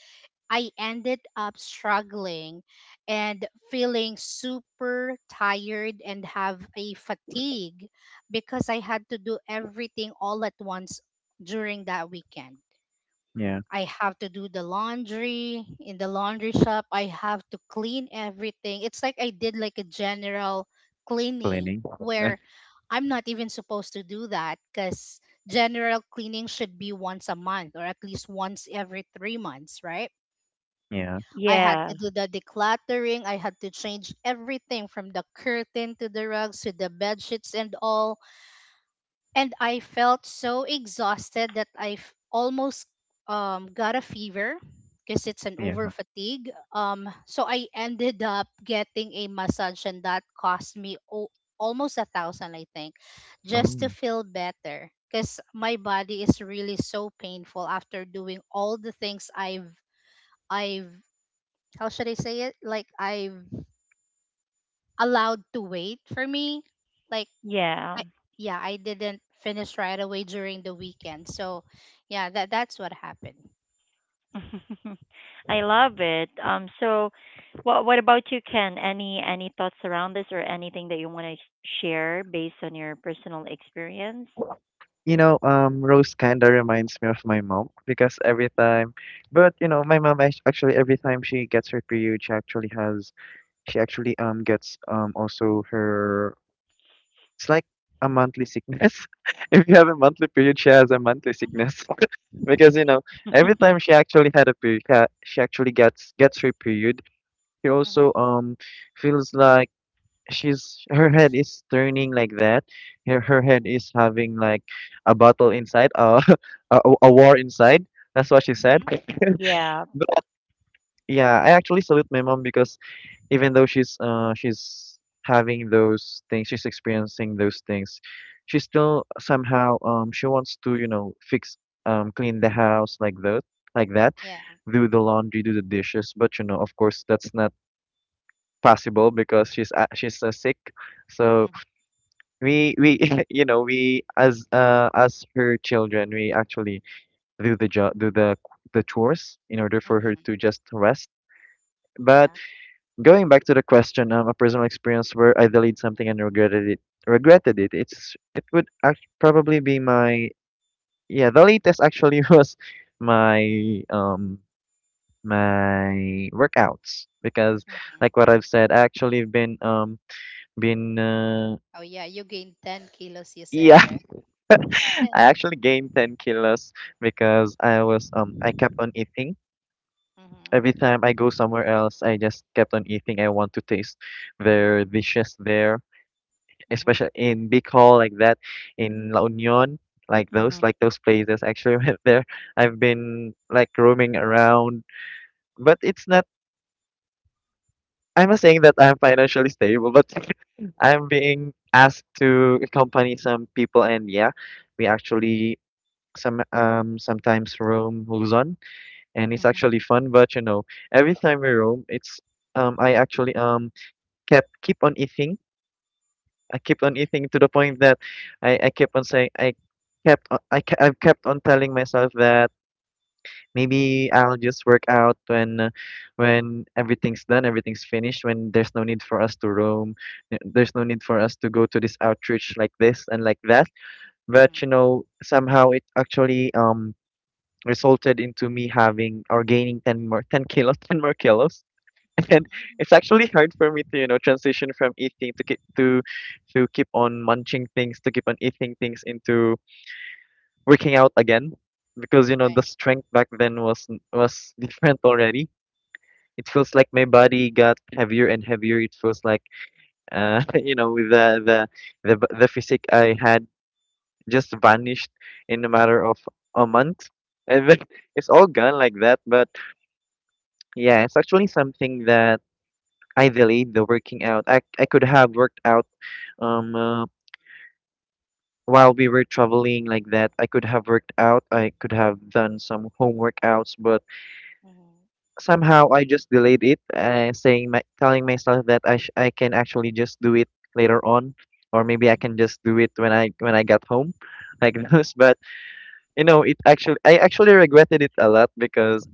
Speaker 2: I ended up struggling and feeling super tired and have a fatigue because I had to do everything all at once during that weekend.
Speaker 3: Yeah.
Speaker 2: I have to do the laundry in the laundry shop. I have to clean everything. It's like I did like a general cleaning
Speaker 3: Cleaning.
Speaker 2: where
Speaker 3: *laughs*
Speaker 2: I'm not even supposed to do that because general cleaning should be once a month or at least once every 3 months, right?
Speaker 3: Yeah.
Speaker 2: I had
Speaker 1: Yeah.
Speaker 2: to do the decluttering. I had to change everything from the curtain to the rugs to the bed sheets and all, and I felt so exhausted that almost, got a fever because it's an over
Speaker 3: Yeah.
Speaker 2: fatigue. So I ended up getting a massage, and that cost me, almost 1,000, I think, just to
Speaker 3: Oh.
Speaker 2: feel better. Because my body is really so painful after doing all the things I've how should I say it? Like I've allowed to wait for me. Like,
Speaker 1: Yeah.
Speaker 2: I yeah, I didn't finish right away during the weekend. So yeah, that's what happened.
Speaker 1: *laughs* I love it. Um, so what about you, Ken? Any thoughts around this or anything that you want to share based on your personal experience?
Speaker 3: You know, Rose kind of reminds me of my mom because every time, but you know, my mom actually every time she gets her period, she actually has, she actually gets also her. It's like a monthly sickness. *laughs* If you have a monthly period, she has a monthly
Speaker 2: Mhm.
Speaker 3: sickness. *laughs* Because, you know, every time she actually had a period, she actually gets her period. She
Speaker 2: Mhm.
Speaker 3: also feels like she's her head is turning like that. Her head is having like a battle inside, *laughs* a war inside. That's what she said.
Speaker 2: Mhm.
Speaker 1: Yeah.
Speaker 3: *laughs* But yeah, I actually salute my mom because even though she's having those things, she's experiencing those things, she still somehow she wants to, you know, fix clean the house like that,
Speaker 2: Yeah.
Speaker 3: do the laundry, do the dishes. But you know, of course that's not possible because she's sick. So
Speaker 2: Mm-hmm.
Speaker 3: we *laughs* you know we as her children, we actually do the chores in order for her
Speaker 2: Mm-hmm.
Speaker 3: to just rest. But
Speaker 2: Yeah.
Speaker 3: going back to the question, a personal experience where I delayed something and regretted it. It's it would probably be my yeah the latest actually *laughs* was my my workouts because
Speaker 2: Mm-hmm.
Speaker 3: like what I've said, I actually been been uh,
Speaker 2: Oh yeah, you gained 10 kilos you said,
Speaker 3: *laughs* yeah,
Speaker 2: right? *laughs*
Speaker 3: I actually gained 10 kilos because I was I kept on eating. Every
Speaker 2: Mhm.
Speaker 3: time I go somewhere else, I just kept on eating. I want to taste their dishes there, especially
Speaker 2: Mhm.
Speaker 3: in Bicol like that, in La Union,
Speaker 2: Mhm.
Speaker 1: Mhm.
Speaker 3: like those places. I actually, *laughs* went there. I've been like roaming around, but it's not. I'm not saying that I'm financially stable, but *laughs* I'm being asked to accompany some people, and yeah, we actually sometimes roam Luzon and it's
Speaker 2: Mhm.
Speaker 3: actually fun. But you know, every time we roam, it's I actually kept keep on eating. I kept on
Speaker 2: Okay.
Speaker 3: eating to the point that I kept on saying I've kept on telling myself that maybe I'll just work out when everything's done, everything's finished, when there's no need for us to roam, there's no need for us to go to this outreach like this and like that. But
Speaker 2: Mhm.
Speaker 3: you know, somehow it actually resulted into me having or gaining 10 more 10 kilos *laughs* 10 more kilos *laughs* and
Speaker 2: Mhm.
Speaker 3: it's actually hard for me to, you know, transition from eating to keep on munching things, to keep on eating things, into working out again, because, you know, the
Speaker 2: Right.
Speaker 3: strength back then was *laughs* different already. It feels like my body got heavier and heavier. It feels like *laughs* you know, with the physique I had, just vanished in a matter of a month, and then *laughs* it's all gone like that. But yeah, it's actually something that I delayed, the working out. I could have worked out, um uh, while we were traveling like that. I could have worked out. I could have done some home workouts, but
Speaker 2: Mhm.
Speaker 3: somehow I just delayed it, saying my telling myself that I can actually just do it later on, or maybe I can just do it when I got home, like *laughs* those. But you know, it actually I actually regretted it a lot because,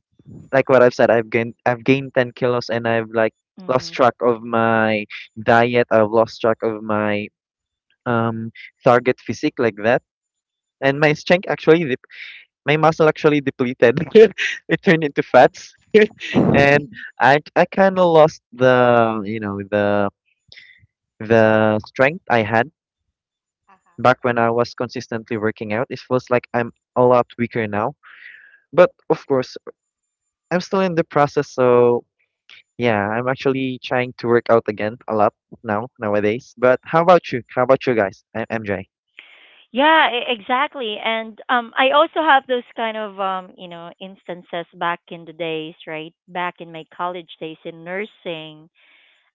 Speaker 3: like what I've said, I've gained 10 kilos, and I've like lost
Speaker 1: Mhm.
Speaker 3: track of my diet. I've lost track of my um target physique like that. And my strength actually, my muscle actually depleted. *laughs* It turned into fats, *laughs* and
Speaker 2: Mhm. *laughs*
Speaker 3: I kind of lost the, you know, the strength I had
Speaker 2: Uh-huh.
Speaker 3: back when I was consistently working out. It feels like I'm a lot weaker now. But of course, I'm still in the process, so yeah, I'm actually trying to work out again a lot nowadays. But how about you? How about you guys? I MJ.
Speaker 1: Yeah, exactly. And um, I also have those kind of you know, instances back in the days, right? Back in my college days in nursing.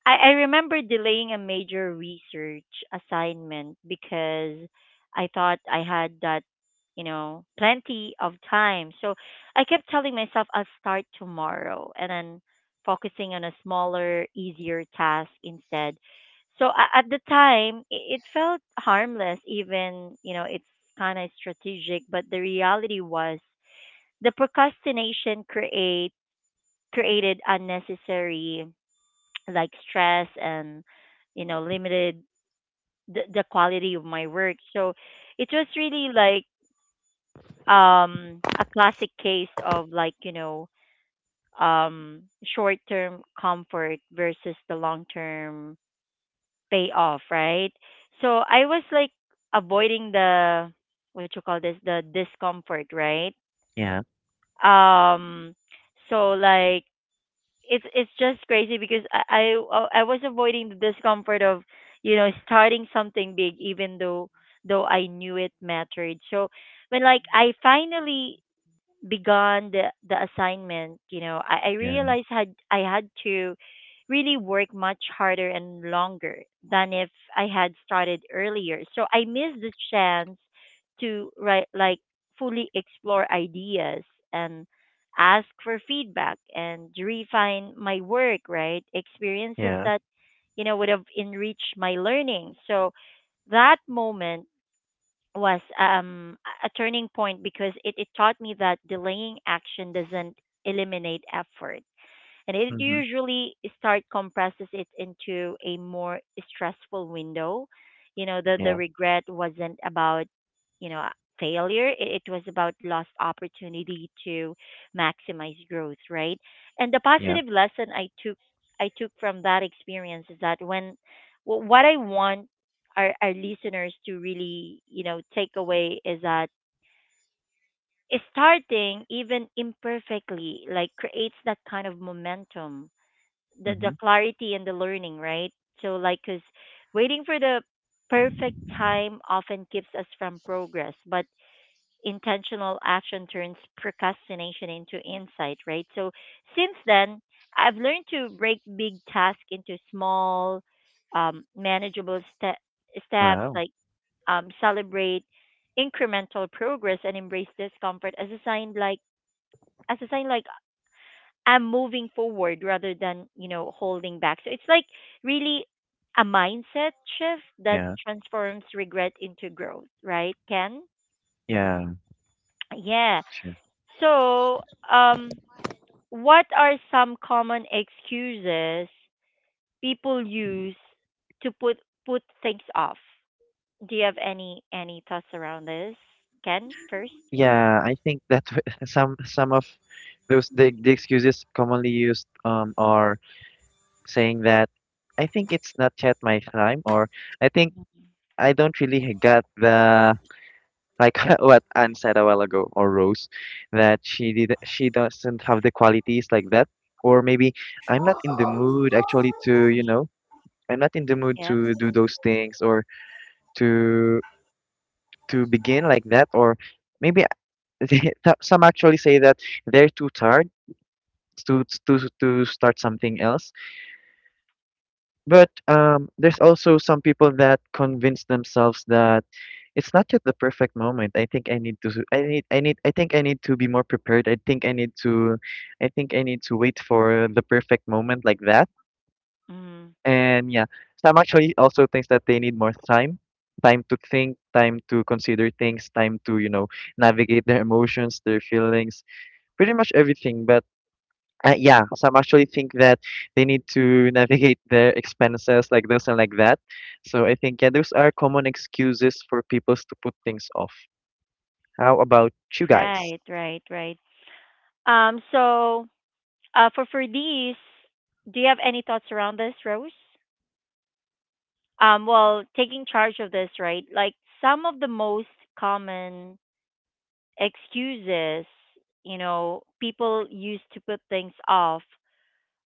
Speaker 1: I remember delaying a major research assignment because I thought I had that, you know, plenty of time. So I kept telling myself I'll start tomorrow and then focusing on a smaller, easier task instead. So at the time, it felt harmless, even, you know, it's kind of strategic, but the reality was the procrastination created unnecessary like stress and you know limited the quality of my work. So it was really like a classic case of like you know um short term comfort versus the long term payoff, right? So I was like avoiding the, what you call this, the discomfort, right?
Speaker 3: Yeah.
Speaker 1: Um, so like it's just crazy because I was avoiding the discomfort of you know starting something big, even though I knew it mattered. So when like I finally begun the assignment, you know, I
Speaker 3: Yeah.
Speaker 1: realized had I had to really work much harder and longer than if I had started earlier. So I missed the chance to write like fully explore ideas and ask for feedback and refine my work, right? Experiences
Speaker 3: Yeah.
Speaker 1: that, you know, would have enriched my learning. So that moment was a turning point because it taught me that delaying action doesn't eliminate effort, and it
Speaker 3: Mm-hmm.
Speaker 1: usually start compresses it into a more stressful window. You know, the
Speaker 3: Yeah,
Speaker 1: regret wasn't about you know failure, it was about lost opportunity to maximize growth, right? And the
Speaker 3: yeah.
Speaker 1: positive lesson I took from that experience is that what I want our listeners to really you know take away is that starting even imperfectly like creates that kind of momentum, the
Speaker 3: Mm-hmm.
Speaker 1: clarity and the learning, right? So like, cause waiting for the perfect time often keeps us from progress, but intentional action turns procrastination into insight, right? So since then, I've learned to break big tasks into small, manageable steps.
Speaker 3: Wow.
Speaker 1: Like celebrate incremental progress and embrace discomfort as a sign, like I'm moving forward rather than, you know, holding back. So it's like really a mindset shift that
Speaker 3: Yeah.
Speaker 1: transforms regret into growth, right, Ken?
Speaker 3: Yeah.
Speaker 1: Yeah.
Speaker 3: Sure.
Speaker 1: So, um, what are some common excuses people use to put things off? Do you have any thoughts around this? Ken first.
Speaker 3: Yeah, I think that *laughs* some of the excuses commonly used are, saying that I think it's not yet my time, or I think I don't really get the, like *laughs* what Anne said a while ago, or Rose, that she doesn't have the qualities like that, or maybe I'm not in the mood actually to, you know, I'm not in the mood
Speaker 1: Yeah.
Speaker 3: to do those things, or to to begin like that, or maybe *laughs* they- some actually say that they're too tired to start something else. But there's also some people that convince themselves that it's not yet the perfect moment. I think I need to, I think I need to be more prepared. I think I need to, I need to wait for the perfect moment like that.
Speaker 1: Mm.
Speaker 3: And yeah, Sam actually also thinks that they need more time. Time to think, time to consider things, time to, you know, navigate their emotions, their feelings, pretty much everything. But yeah, some actually think that they need to *laughs* navigate their expenses like this and like that. So I think, yeah, those are common excuses for people to put things off. How about you guys?
Speaker 1: Right, right, right. So uh, for these, do you have any thoughts around this, Rose? Well, taking charge of this, right? Like some of the most common excuses, you know, people use to put things off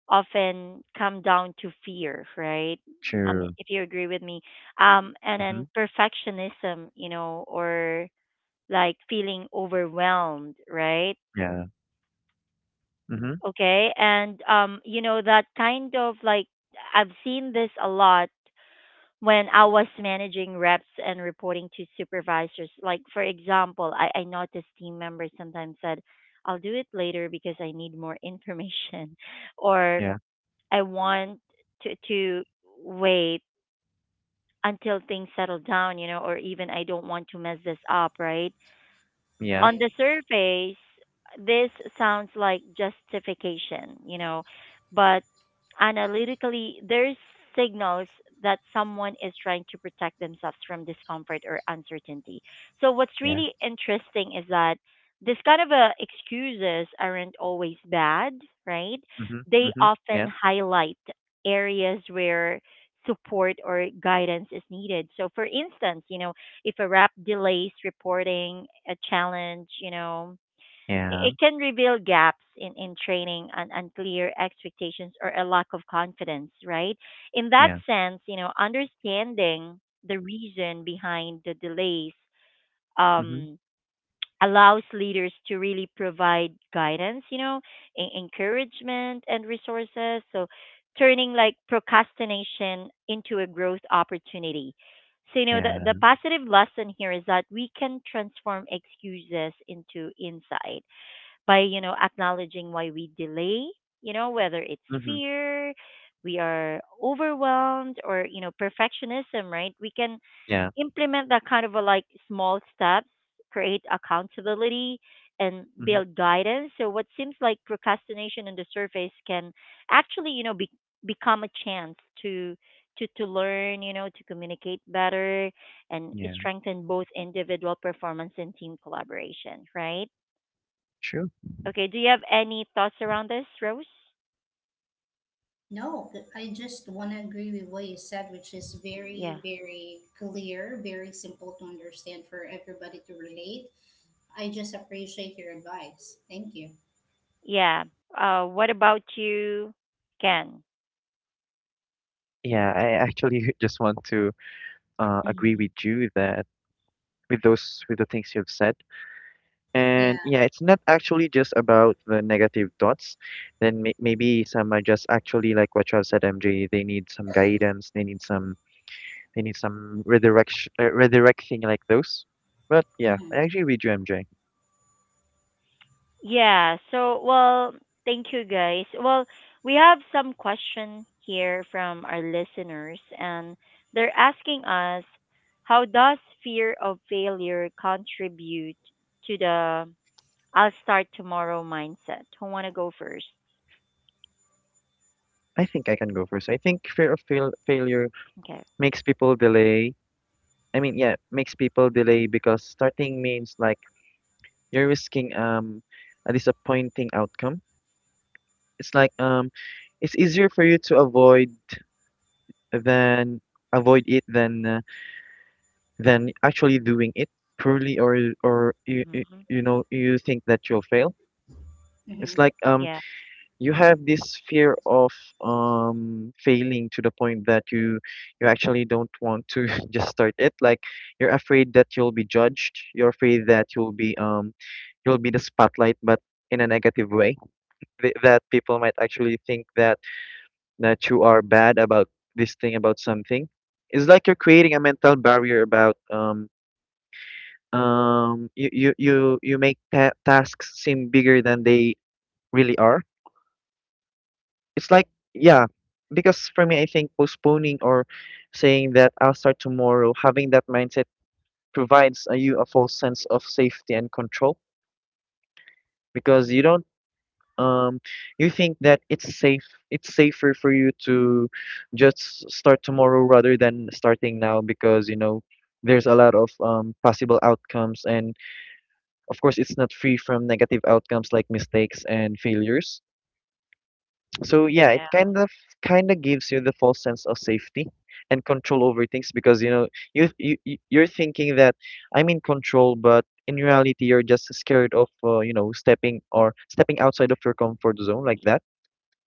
Speaker 1: often come down to fear, right?
Speaker 3: True.
Speaker 1: If you agree with me. And
Speaker 3: Mhm.
Speaker 1: then perfectionism, you know, or like feeling overwhelmed, right?
Speaker 3: Yeah. Mhm.
Speaker 1: Okay. And you know, that kind of like I've seen this a lot when I was managing reps and reporting to supervisors. Like for example, I noticed team members sometimes said, I'll do it later because I need more information, *laughs* or
Speaker 3: Yeah.
Speaker 1: I want to wait until things settle down, you know, or even I don't want to mess this up, right?
Speaker 2: Right.
Speaker 3: Yeah.
Speaker 1: On the surface, this sounds like justification, you know, but analytically, there's signals that someone is trying to protect themselves from discomfort or uncertainty. So what's
Speaker 3: Yeah.
Speaker 1: really interesting is that this kind of excuses aren't always bad, right?
Speaker 3: Mhm.
Speaker 1: They
Speaker 3: Mhm.
Speaker 1: often
Speaker 3: Yeah.
Speaker 1: highlight areas where support or guidance is needed. So for instance, you know, if a rep delays reporting a challenge, you know,
Speaker 3: Yeah.
Speaker 1: it can reveal gaps in training and unclear expectations or a lack of confidence, right? In that
Speaker 3: Yeah.
Speaker 1: sense, you know, understanding the reason behind the delays
Speaker 3: Mhm.
Speaker 1: um, allows leaders to really provide guidance, you know, encouragement and resources. So turning like procrastination into a growth opportunity. So, you know, the
Speaker 3: Yeah.
Speaker 1: positive lesson here is that we can transform excuses into insight by, you know, acknowledging why we delay, you know, whether it's
Speaker 3: Mhm.
Speaker 1: fear, we are overwhelmed or, you know, perfectionism, right? We can
Speaker 3: Yeah.
Speaker 1: implement that kind of a like small steps, create accountability, and
Speaker 3: Mhm.
Speaker 1: build guidance. So what seems like procrastination on the surface can actually, you know, become a chance to to learn, you know, to communicate better and
Speaker 3: Yeah.
Speaker 1: strengthen both individual performance and team collaboration, right?
Speaker 3: True.
Speaker 1: Okay, do you have any thoughts around this, Rose?
Speaker 2: No, I just want to agree with what you said, which is
Speaker 1: Yeah.
Speaker 2: very, very clear, very simple to understand for everybody to relate. I just appreciate your advice. Thank you.
Speaker 1: Yeah. Uh, what about you, Ken?
Speaker 3: Yeah, I actually *laughs* just want to agree with you that, with those, with the things you've said.
Speaker 2: Yeah.
Speaker 3: And yeah, it's not actually just about the negative thoughts. Then maybe some are just actually like what you have said, MJ. They need some guidance. They need some, they need some redirection, redirecting like those. But yeah, I
Speaker 2: Mm-hmm.
Speaker 3: actually read you, MJ.
Speaker 1: Yeah. So, well, thank you guys. Well, we have some question here from our listeners and they're asking us, how does fear of failure contribute to the I'll start tomorrow mindset? Who want to go first?
Speaker 3: I think I can go first. I think fear of failure
Speaker 1: Okay.
Speaker 3: makes people delay. I mean, yeah, makes people delay because starting means like you're risking a disappointing outcome. It's like it's easier for you to than avoid it than, than actually doing it poorly, or you, you
Speaker 1: Hmm.
Speaker 3: you know, you think that you'll fail.
Speaker 2: Mm-hmm.
Speaker 3: It's like
Speaker 1: Yeah.
Speaker 3: you have this fear of failing to the point that you actually don't want to *laughs* just start it. Like, you're afraid that you'll be judged, you're afraid that you'll be the spotlight, but in a negative way. That people might actually think that you are bad about this thing, about something. It's like you're creating a mental barrier about, you make tasks seem bigger than they really are. It's like, yeah, because for me, I think postponing or saying that I'll start tomorrow, having that mindset provides, you, a false sense of safety and control, because you don't, um you think that it's safer for you to just start tomorrow rather than starting now, because you know there's a lot of, possible outcomes, and of course it's not free from negative outcomes like mistakes and failures. So yeah, it
Speaker 1: Yeah.
Speaker 3: kind of, gives you the false sense of safety and control over things, because you know you're thinking that I'm in control, but in reality you're just scared of, you know, stepping outside of your comfort zone like that.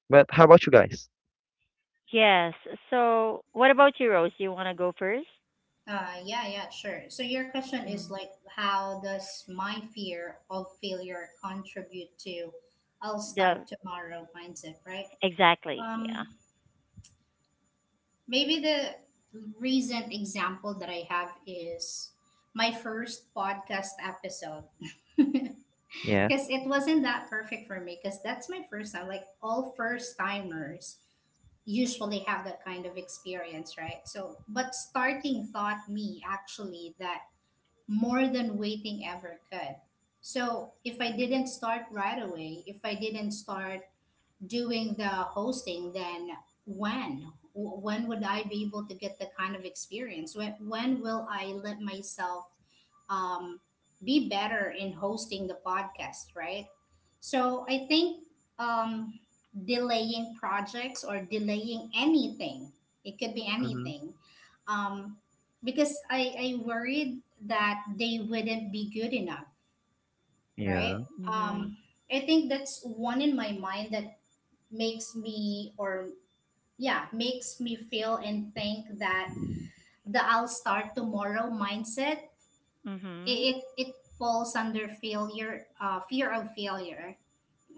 Speaker 3: But how about you guys?
Speaker 1: Yes. So, what about you, Rose? You want to go first?
Speaker 2: Yeah, yeah, sure. So your question is
Speaker 1: Mm.
Speaker 2: like, how does my fear of failure contribute to I'll
Speaker 1: The
Speaker 2: start tomorrow mindset, right?
Speaker 1: exactly. Yeah.
Speaker 2: Um, Maybe the recent example that I have is my first podcast episode. *laughs*
Speaker 3: Yeah.
Speaker 2: Because it wasn't that perfect for me, because that's my first time. Like all first timers usually have that kind of experience, right? So, but starting taught me actually that more than waiting ever could. So, if I didn't start right away, if I didn't start doing the hosting, then when? When would I be able to get the kind of experience? When will I let myself, um, be better in hosting the podcast, right? So I think, um, delaying projects or delaying anything, it could be
Speaker 3: Mm-hmm.
Speaker 2: anything, um, because I worried that they wouldn't be good enough,
Speaker 3: Yeah.
Speaker 2: right?
Speaker 1: Mhm.
Speaker 2: Um, I think that's one in my mind that makes me or yeah, makes me feel and think that the I'll start tomorrow mindset,
Speaker 1: Mhm.
Speaker 2: it falls under failure, fear of failure.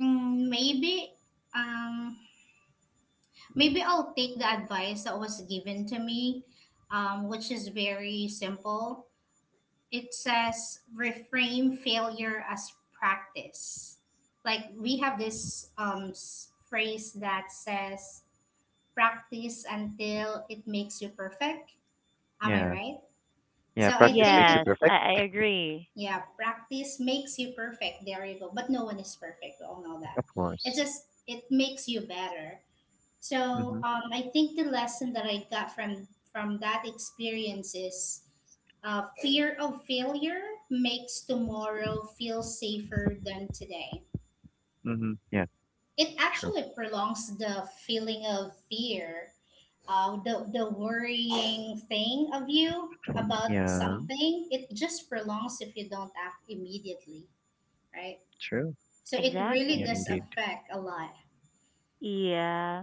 Speaker 2: Mm, maybe um maybe I'll take the advice that was given to me, which is very simple. It says reframe failure as practice. Like, we have this, phrase that says practice until it makes you perfect. Am I
Speaker 3: Yeah.
Speaker 2: right?
Speaker 3: Yeah.
Speaker 2: So I
Speaker 3: Practice
Speaker 2: think,
Speaker 3: makes you
Speaker 1: Yes,
Speaker 3: perfect,
Speaker 1: I agree.
Speaker 2: yeah, practice makes you perfect. There you go. But no one is perfect. We all know that.
Speaker 3: of
Speaker 2: It
Speaker 3: course.
Speaker 2: just, it makes you better. So,
Speaker 3: Mm-hmm.
Speaker 2: I think the lesson that I got from that experience is, fear of failure makes tomorrow feel safer than today.
Speaker 3: Mm-hmm. Yeah.
Speaker 2: It
Speaker 3: True.
Speaker 2: actually prolongs the feeling of fear, the worrying thing of you about
Speaker 3: Yeah.
Speaker 2: something. It just prolongs if you don't act immediately, right?
Speaker 3: True.
Speaker 2: So it really
Speaker 3: Yeah.
Speaker 2: does
Speaker 1: Exactly.
Speaker 3: Indeed.
Speaker 2: affect a lot.
Speaker 1: Yeah.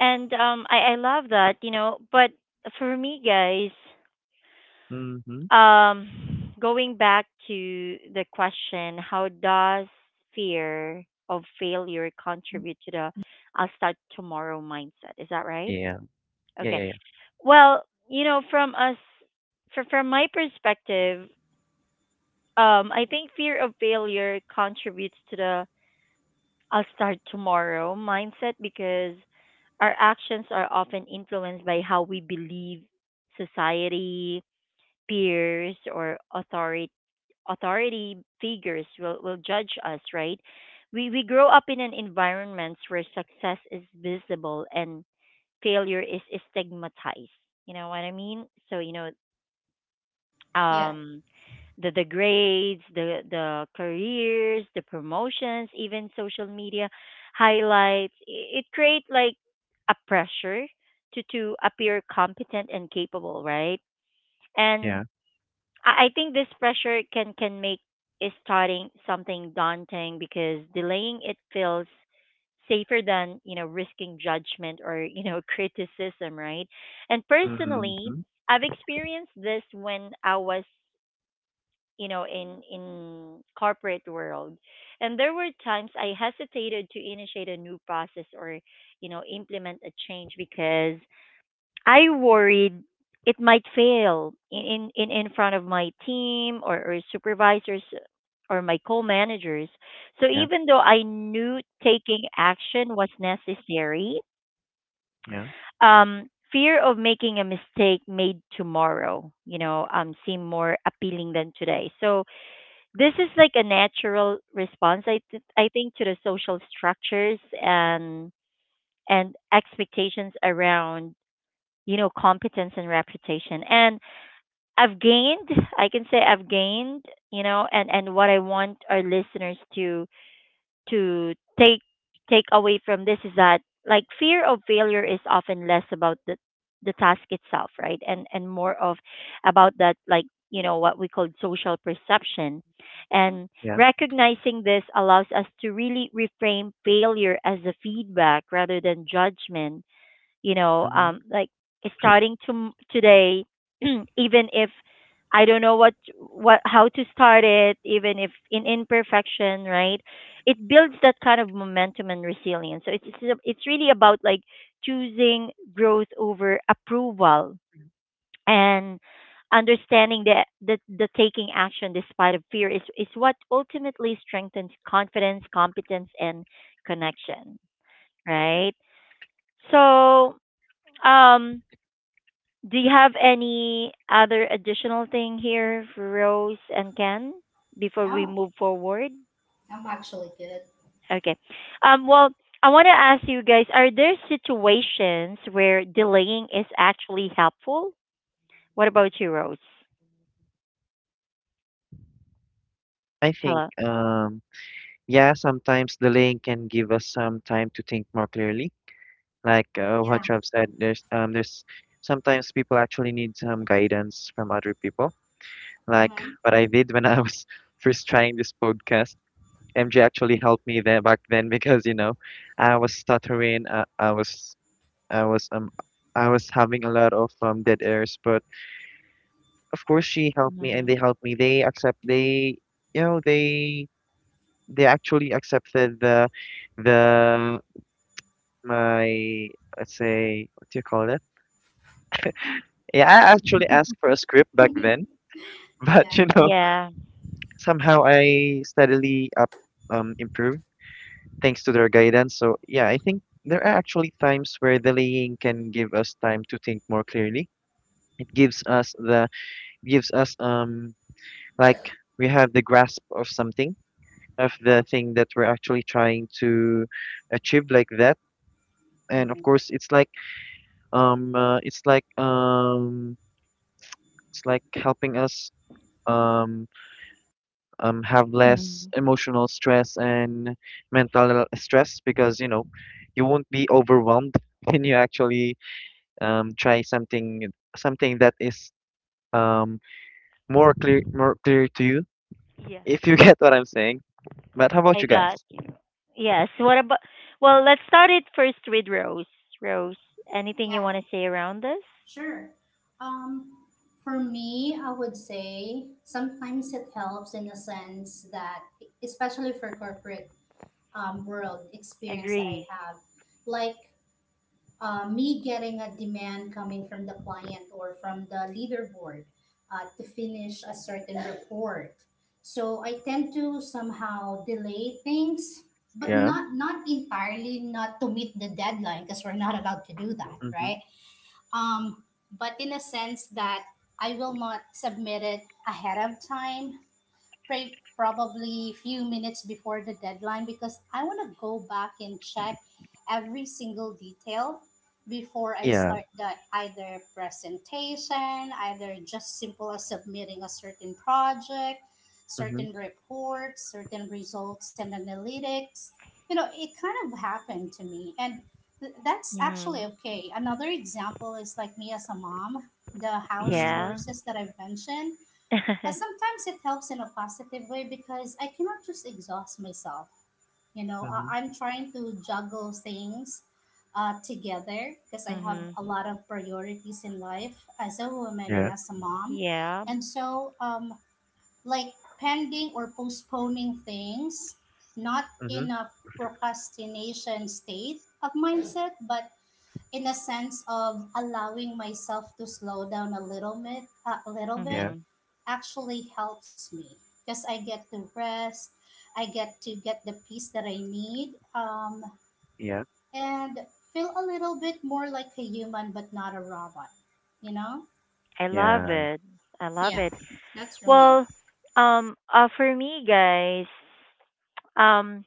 Speaker 1: And um, I love that, you know, but for me guys,
Speaker 3: Mm-hmm.
Speaker 1: going back to the question, how does fear of failure contribute to the I'll start tomorrow mindset? Is that right?
Speaker 3: Yeah. Yeah.
Speaker 1: Okay.
Speaker 3: Yeah. Yeah.
Speaker 1: Well, you know, from my perspective, I think fear of failure contributes to the I'll start tomorrow mindset because our actions are often influenced by how we believe society, peers, or authority figures will judge us, right? We grow up in an environment where success is visible and failure is stigmatized. You know what I mean? So you know
Speaker 2: Yeah.
Speaker 1: um the grades, the careers, the promotions, even social media highlights. It create like a pressure to appear competent and capable, right? And
Speaker 3: Yeah.
Speaker 1: I think this pressure can make is starting something daunting because delaying it feels safer than you know risking judgment or you know *laughs* criticism, right? And personally,
Speaker 3: Mm-hmm.
Speaker 1: I've experienced this when I was you know in corporate world, and there were times I hesitated to initiate a new process or you know implement a change because I worried it might fail in in front of my team, or supervisors or my co-managers. So
Speaker 3: Yeah.
Speaker 1: even though I knew taking action was necessary,
Speaker 3: Yeah.
Speaker 1: fear of making a mistake made tomorrow, you know, seem more appealing than today. So this is like a natural response, I think, to the social structures and expectations around you know competence and reputation. And I've gained I can say I've gained, you know, and what I want our listeners to to take away from this is that like fear of failure is often less about the task itself, right? And more of about that, like, you know, what we call social perception. And
Speaker 3: Yeah.
Speaker 1: recognizing this allows us to really reframe failure as a feedback rather than judgment, you know
Speaker 3: Mm-hmm.
Speaker 1: um like starting to today *clears throat* even if I don't know what how to start it, even if in imperfection, right? It builds that kind of momentum and resilience. So it's really about like choosing growth over approval and understanding that that the taking action despite of fear is what ultimately strengthens confidence, competence, and connection, right? So um do you have any other additional thing here, Rose and Ken, before we
Speaker 2: No,
Speaker 1: move forward?
Speaker 2: I'm actually good.
Speaker 1: Okay. Well, I want to ask you guys, are there situations where delaying is actually helpful? What about you, Rose?
Speaker 3: I think,
Speaker 1: Hello.
Speaker 3: yeah, sometimes delaying can give us some time to think more clearly. Like,
Speaker 2: Yeah.
Speaker 3: what you have said, there's sometimes people actually need some guidance from other people. Like
Speaker 2: Mm-hmm.
Speaker 3: what I did when I was *laughs* first trying this podcast, MJ actually helped me there back then, because you know I was stuttering, I was um I was having a lot of dead airs, but of course she helped me, and they
Speaker 1: Mhm.
Speaker 3: helped me. They accept they You know, they actually accepted the, the my, let's say, what do you call it? Yeah, I actually asked
Speaker 1: *laughs*
Speaker 3: for a script back then,
Speaker 2: *laughs*
Speaker 3: *laughs* but
Speaker 2: Yeah.
Speaker 3: you know
Speaker 1: Yeah.
Speaker 3: somehow I steadily up improved, thanks to their guidance. So yeah, I think there are actually times where delaying can give us time to think more clearly. It gives us the, gives us like, we have the grasp of something, of the thing that we're actually trying to achieve like that. And
Speaker 2: Mm-hmm.
Speaker 3: of course, it's like, um uh, it's like um it's like helping us, um have less
Speaker 1: Mhm.
Speaker 3: emotional stress and mental stress, because you know you won't be overwhelmed *laughs* when you actually, try something, something that is, um more clear to you,
Speaker 1: Yeah,
Speaker 3: if you *laughs* get what I'm saying. But how about
Speaker 1: I
Speaker 3: you
Speaker 1: got
Speaker 3: guys?
Speaker 1: you. Yes. Well, let's start it first with Rose. Rose, anything you
Speaker 2: Yeah,
Speaker 1: want to say around this?
Speaker 2: sure. um for me, I would say sometimes it helps in the sense that, especially for corporate, world experience that I
Speaker 1: Agree.
Speaker 2: have, like, me getting a demand coming from the client or from the leaderboard, to finish a certain report. So I tend to somehow delay things, but
Speaker 3: Yeah.
Speaker 2: not entirely not to meet the deadline because we're not allowed to do that,
Speaker 3: Mhm.
Speaker 2: right? Um, but in a sense that I will not submit it ahead of time, probably few minutes before the deadline because I want to go back and check every single detail before I
Speaker 3: Yeah.
Speaker 2: start the either presentation, either just simple as submitting a certain project,
Speaker 3: Mhm.
Speaker 2: certain reports, certain results and analytics. You know, it kind of happened to me and that's
Speaker 1: Mhm.
Speaker 2: actually okay. Another example is like me as a mom, the house
Speaker 3: Mm.
Speaker 1: Yeah.
Speaker 2: chores that I've mentioned,
Speaker 1: *laughs*
Speaker 2: sometimes it helps in a positive way because I cannot just exhaust myself. You know, I-
Speaker 3: Mhm.
Speaker 2: I'm trying to juggle things, together because I have
Speaker 1: Mhm.
Speaker 2: a lot of priorities in life as a woman
Speaker 3: Yeah.
Speaker 2: and as a mom.
Speaker 1: Yeah.
Speaker 2: And so, like, pending or postponing things, not
Speaker 3: Mhm.
Speaker 2: in a procrastination state of mindset, but in a sense of allowing myself to slow down a little bit
Speaker 3: Yeah.
Speaker 1: Mhm.
Speaker 2: actually helps me because I get to rest, I get to get the peace that I need,
Speaker 3: Yeah.
Speaker 2: and feel a little bit more like a human but not a robot, you know?
Speaker 1: I love
Speaker 3: Yeah.
Speaker 1: it. I love
Speaker 2: Yeah,
Speaker 1: it.
Speaker 2: that's for me.
Speaker 1: Well, for me, guys, um,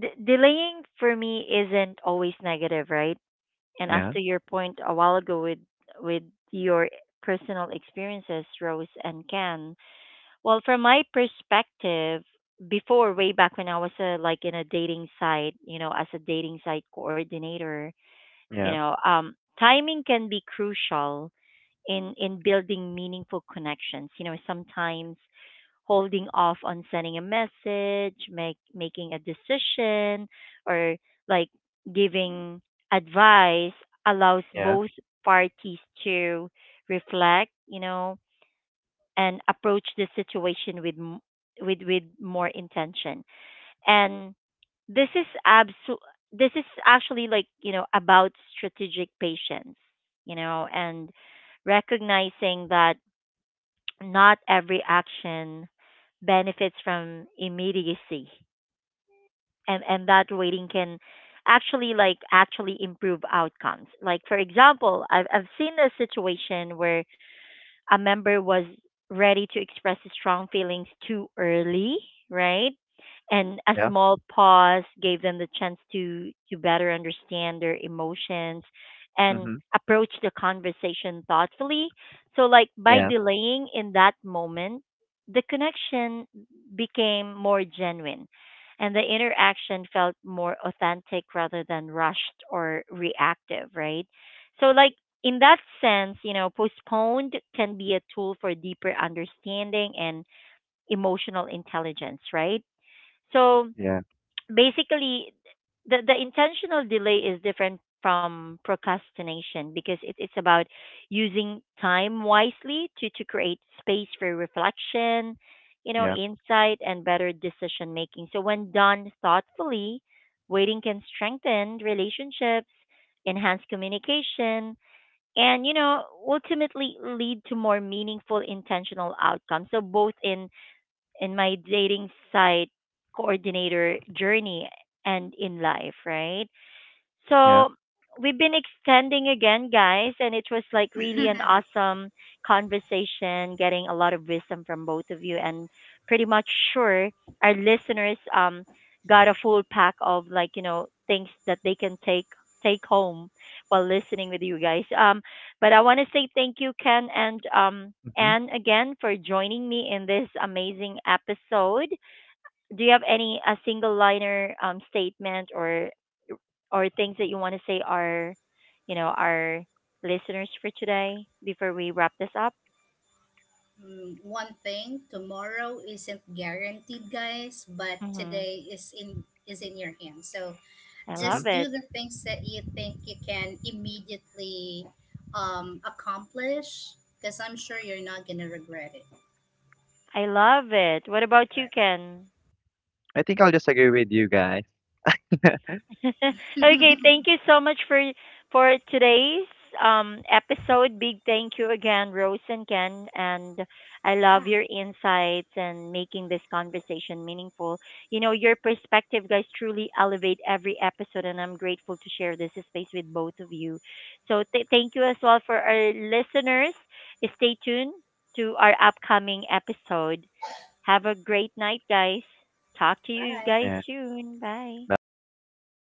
Speaker 1: delaying for me isn't always negative, right? And as
Speaker 3: Yeah.
Speaker 1: to your point a while ago with your personal experiences, Rose and Ken. Well, from my perspective, before way back when I was like in a dating site, you know, as a dating site coordinator, you
Speaker 3: Yeah.
Speaker 1: know, timing can be crucial in building meaningful connections. You know, sometimes holding off on sending a message, make making a decision, or like giving advice allows
Speaker 3: Yeah.
Speaker 1: both parties to reflect. You know, and approach the situation with more intention. And this is abso- this is actually, like, you know, about strategic patience. You know, and recognizing that not every action benefits from immediacy, and that waiting can actually improve outcomes. Like, for example, I've seen a situation where a member was ready to express strong feelings too early, right? And a
Speaker 3: Yeah.
Speaker 1: small pause gave them the chance to better understand their emotions and
Speaker 3: Mhm.
Speaker 1: approach the conversation thoughtfully. So like by
Speaker 3: Yeah.
Speaker 1: delaying in that moment, the connection became more genuine and the interaction felt more authentic rather than rushed or reactive, right? So like in that sense, you know, postponed can be a tool for deeper understanding and emotional intelligence, right? So
Speaker 3: Yeah,
Speaker 1: basically, the intentional delay is different from procrastination because it's about using time wisely to create space for reflection, you know,
Speaker 3: yeah,
Speaker 1: insight, and better decision making. So when done thoughtfully, waiting can strengthen relationships, enhance communication, and you know ultimately lead to more meaningful intentional outcomes, so both in my dating site coordinator journey and in life, right?
Speaker 3: yeah.
Speaker 1: So we've been extending again, guys, and it was like really an awesome conversation, getting a lot of wisdom from both of you, and pretty much sure our listeners got a full pack of like you know things that they can take home while listening with you guys. But I want to say thank you, Ken and.
Speaker 3: Mhm,
Speaker 1: Anne, again, for joining me in this amazing episode. Do you have any a single liner statement or things that you want to say our you know our listeners for today before we wrap this up?
Speaker 2: One thing, tomorrow isn't guaranteed, guys, but
Speaker 1: Mhm.
Speaker 2: today is in your hands. So
Speaker 1: I
Speaker 3: mhm.
Speaker 2: just
Speaker 1: love
Speaker 2: do
Speaker 1: it.
Speaker 2: the things that you think you can immediately, accomplish because I'm sure you're not gonna regret it.
Speaker 1: I love it. What about you, Ken?
Speaker 3: I think I'll just agree with you guys.
Speaker 1: *laughs* Okay,
Speaker 2: Right. *laughs*
Speaker 1: thank you so much for today's episode. Big thank you again, Rose and Ken, and I love
Speaker 2: Yeah,
Speaker 1: your insights and making this conversation meaningful. You know, your perspective guys truly elevate every episode, and I'm grateful to share this space with both of you. So thank you as well for our listeners. Stay tuned to our upcoming episode. Have a great night, guys. Talk to you
Speaker 2: bye.
Speaker 1: guys
Speaker 3: Yeah.
Speaker 1: soon. Bye.
Speaker 3: Bye. Thank you.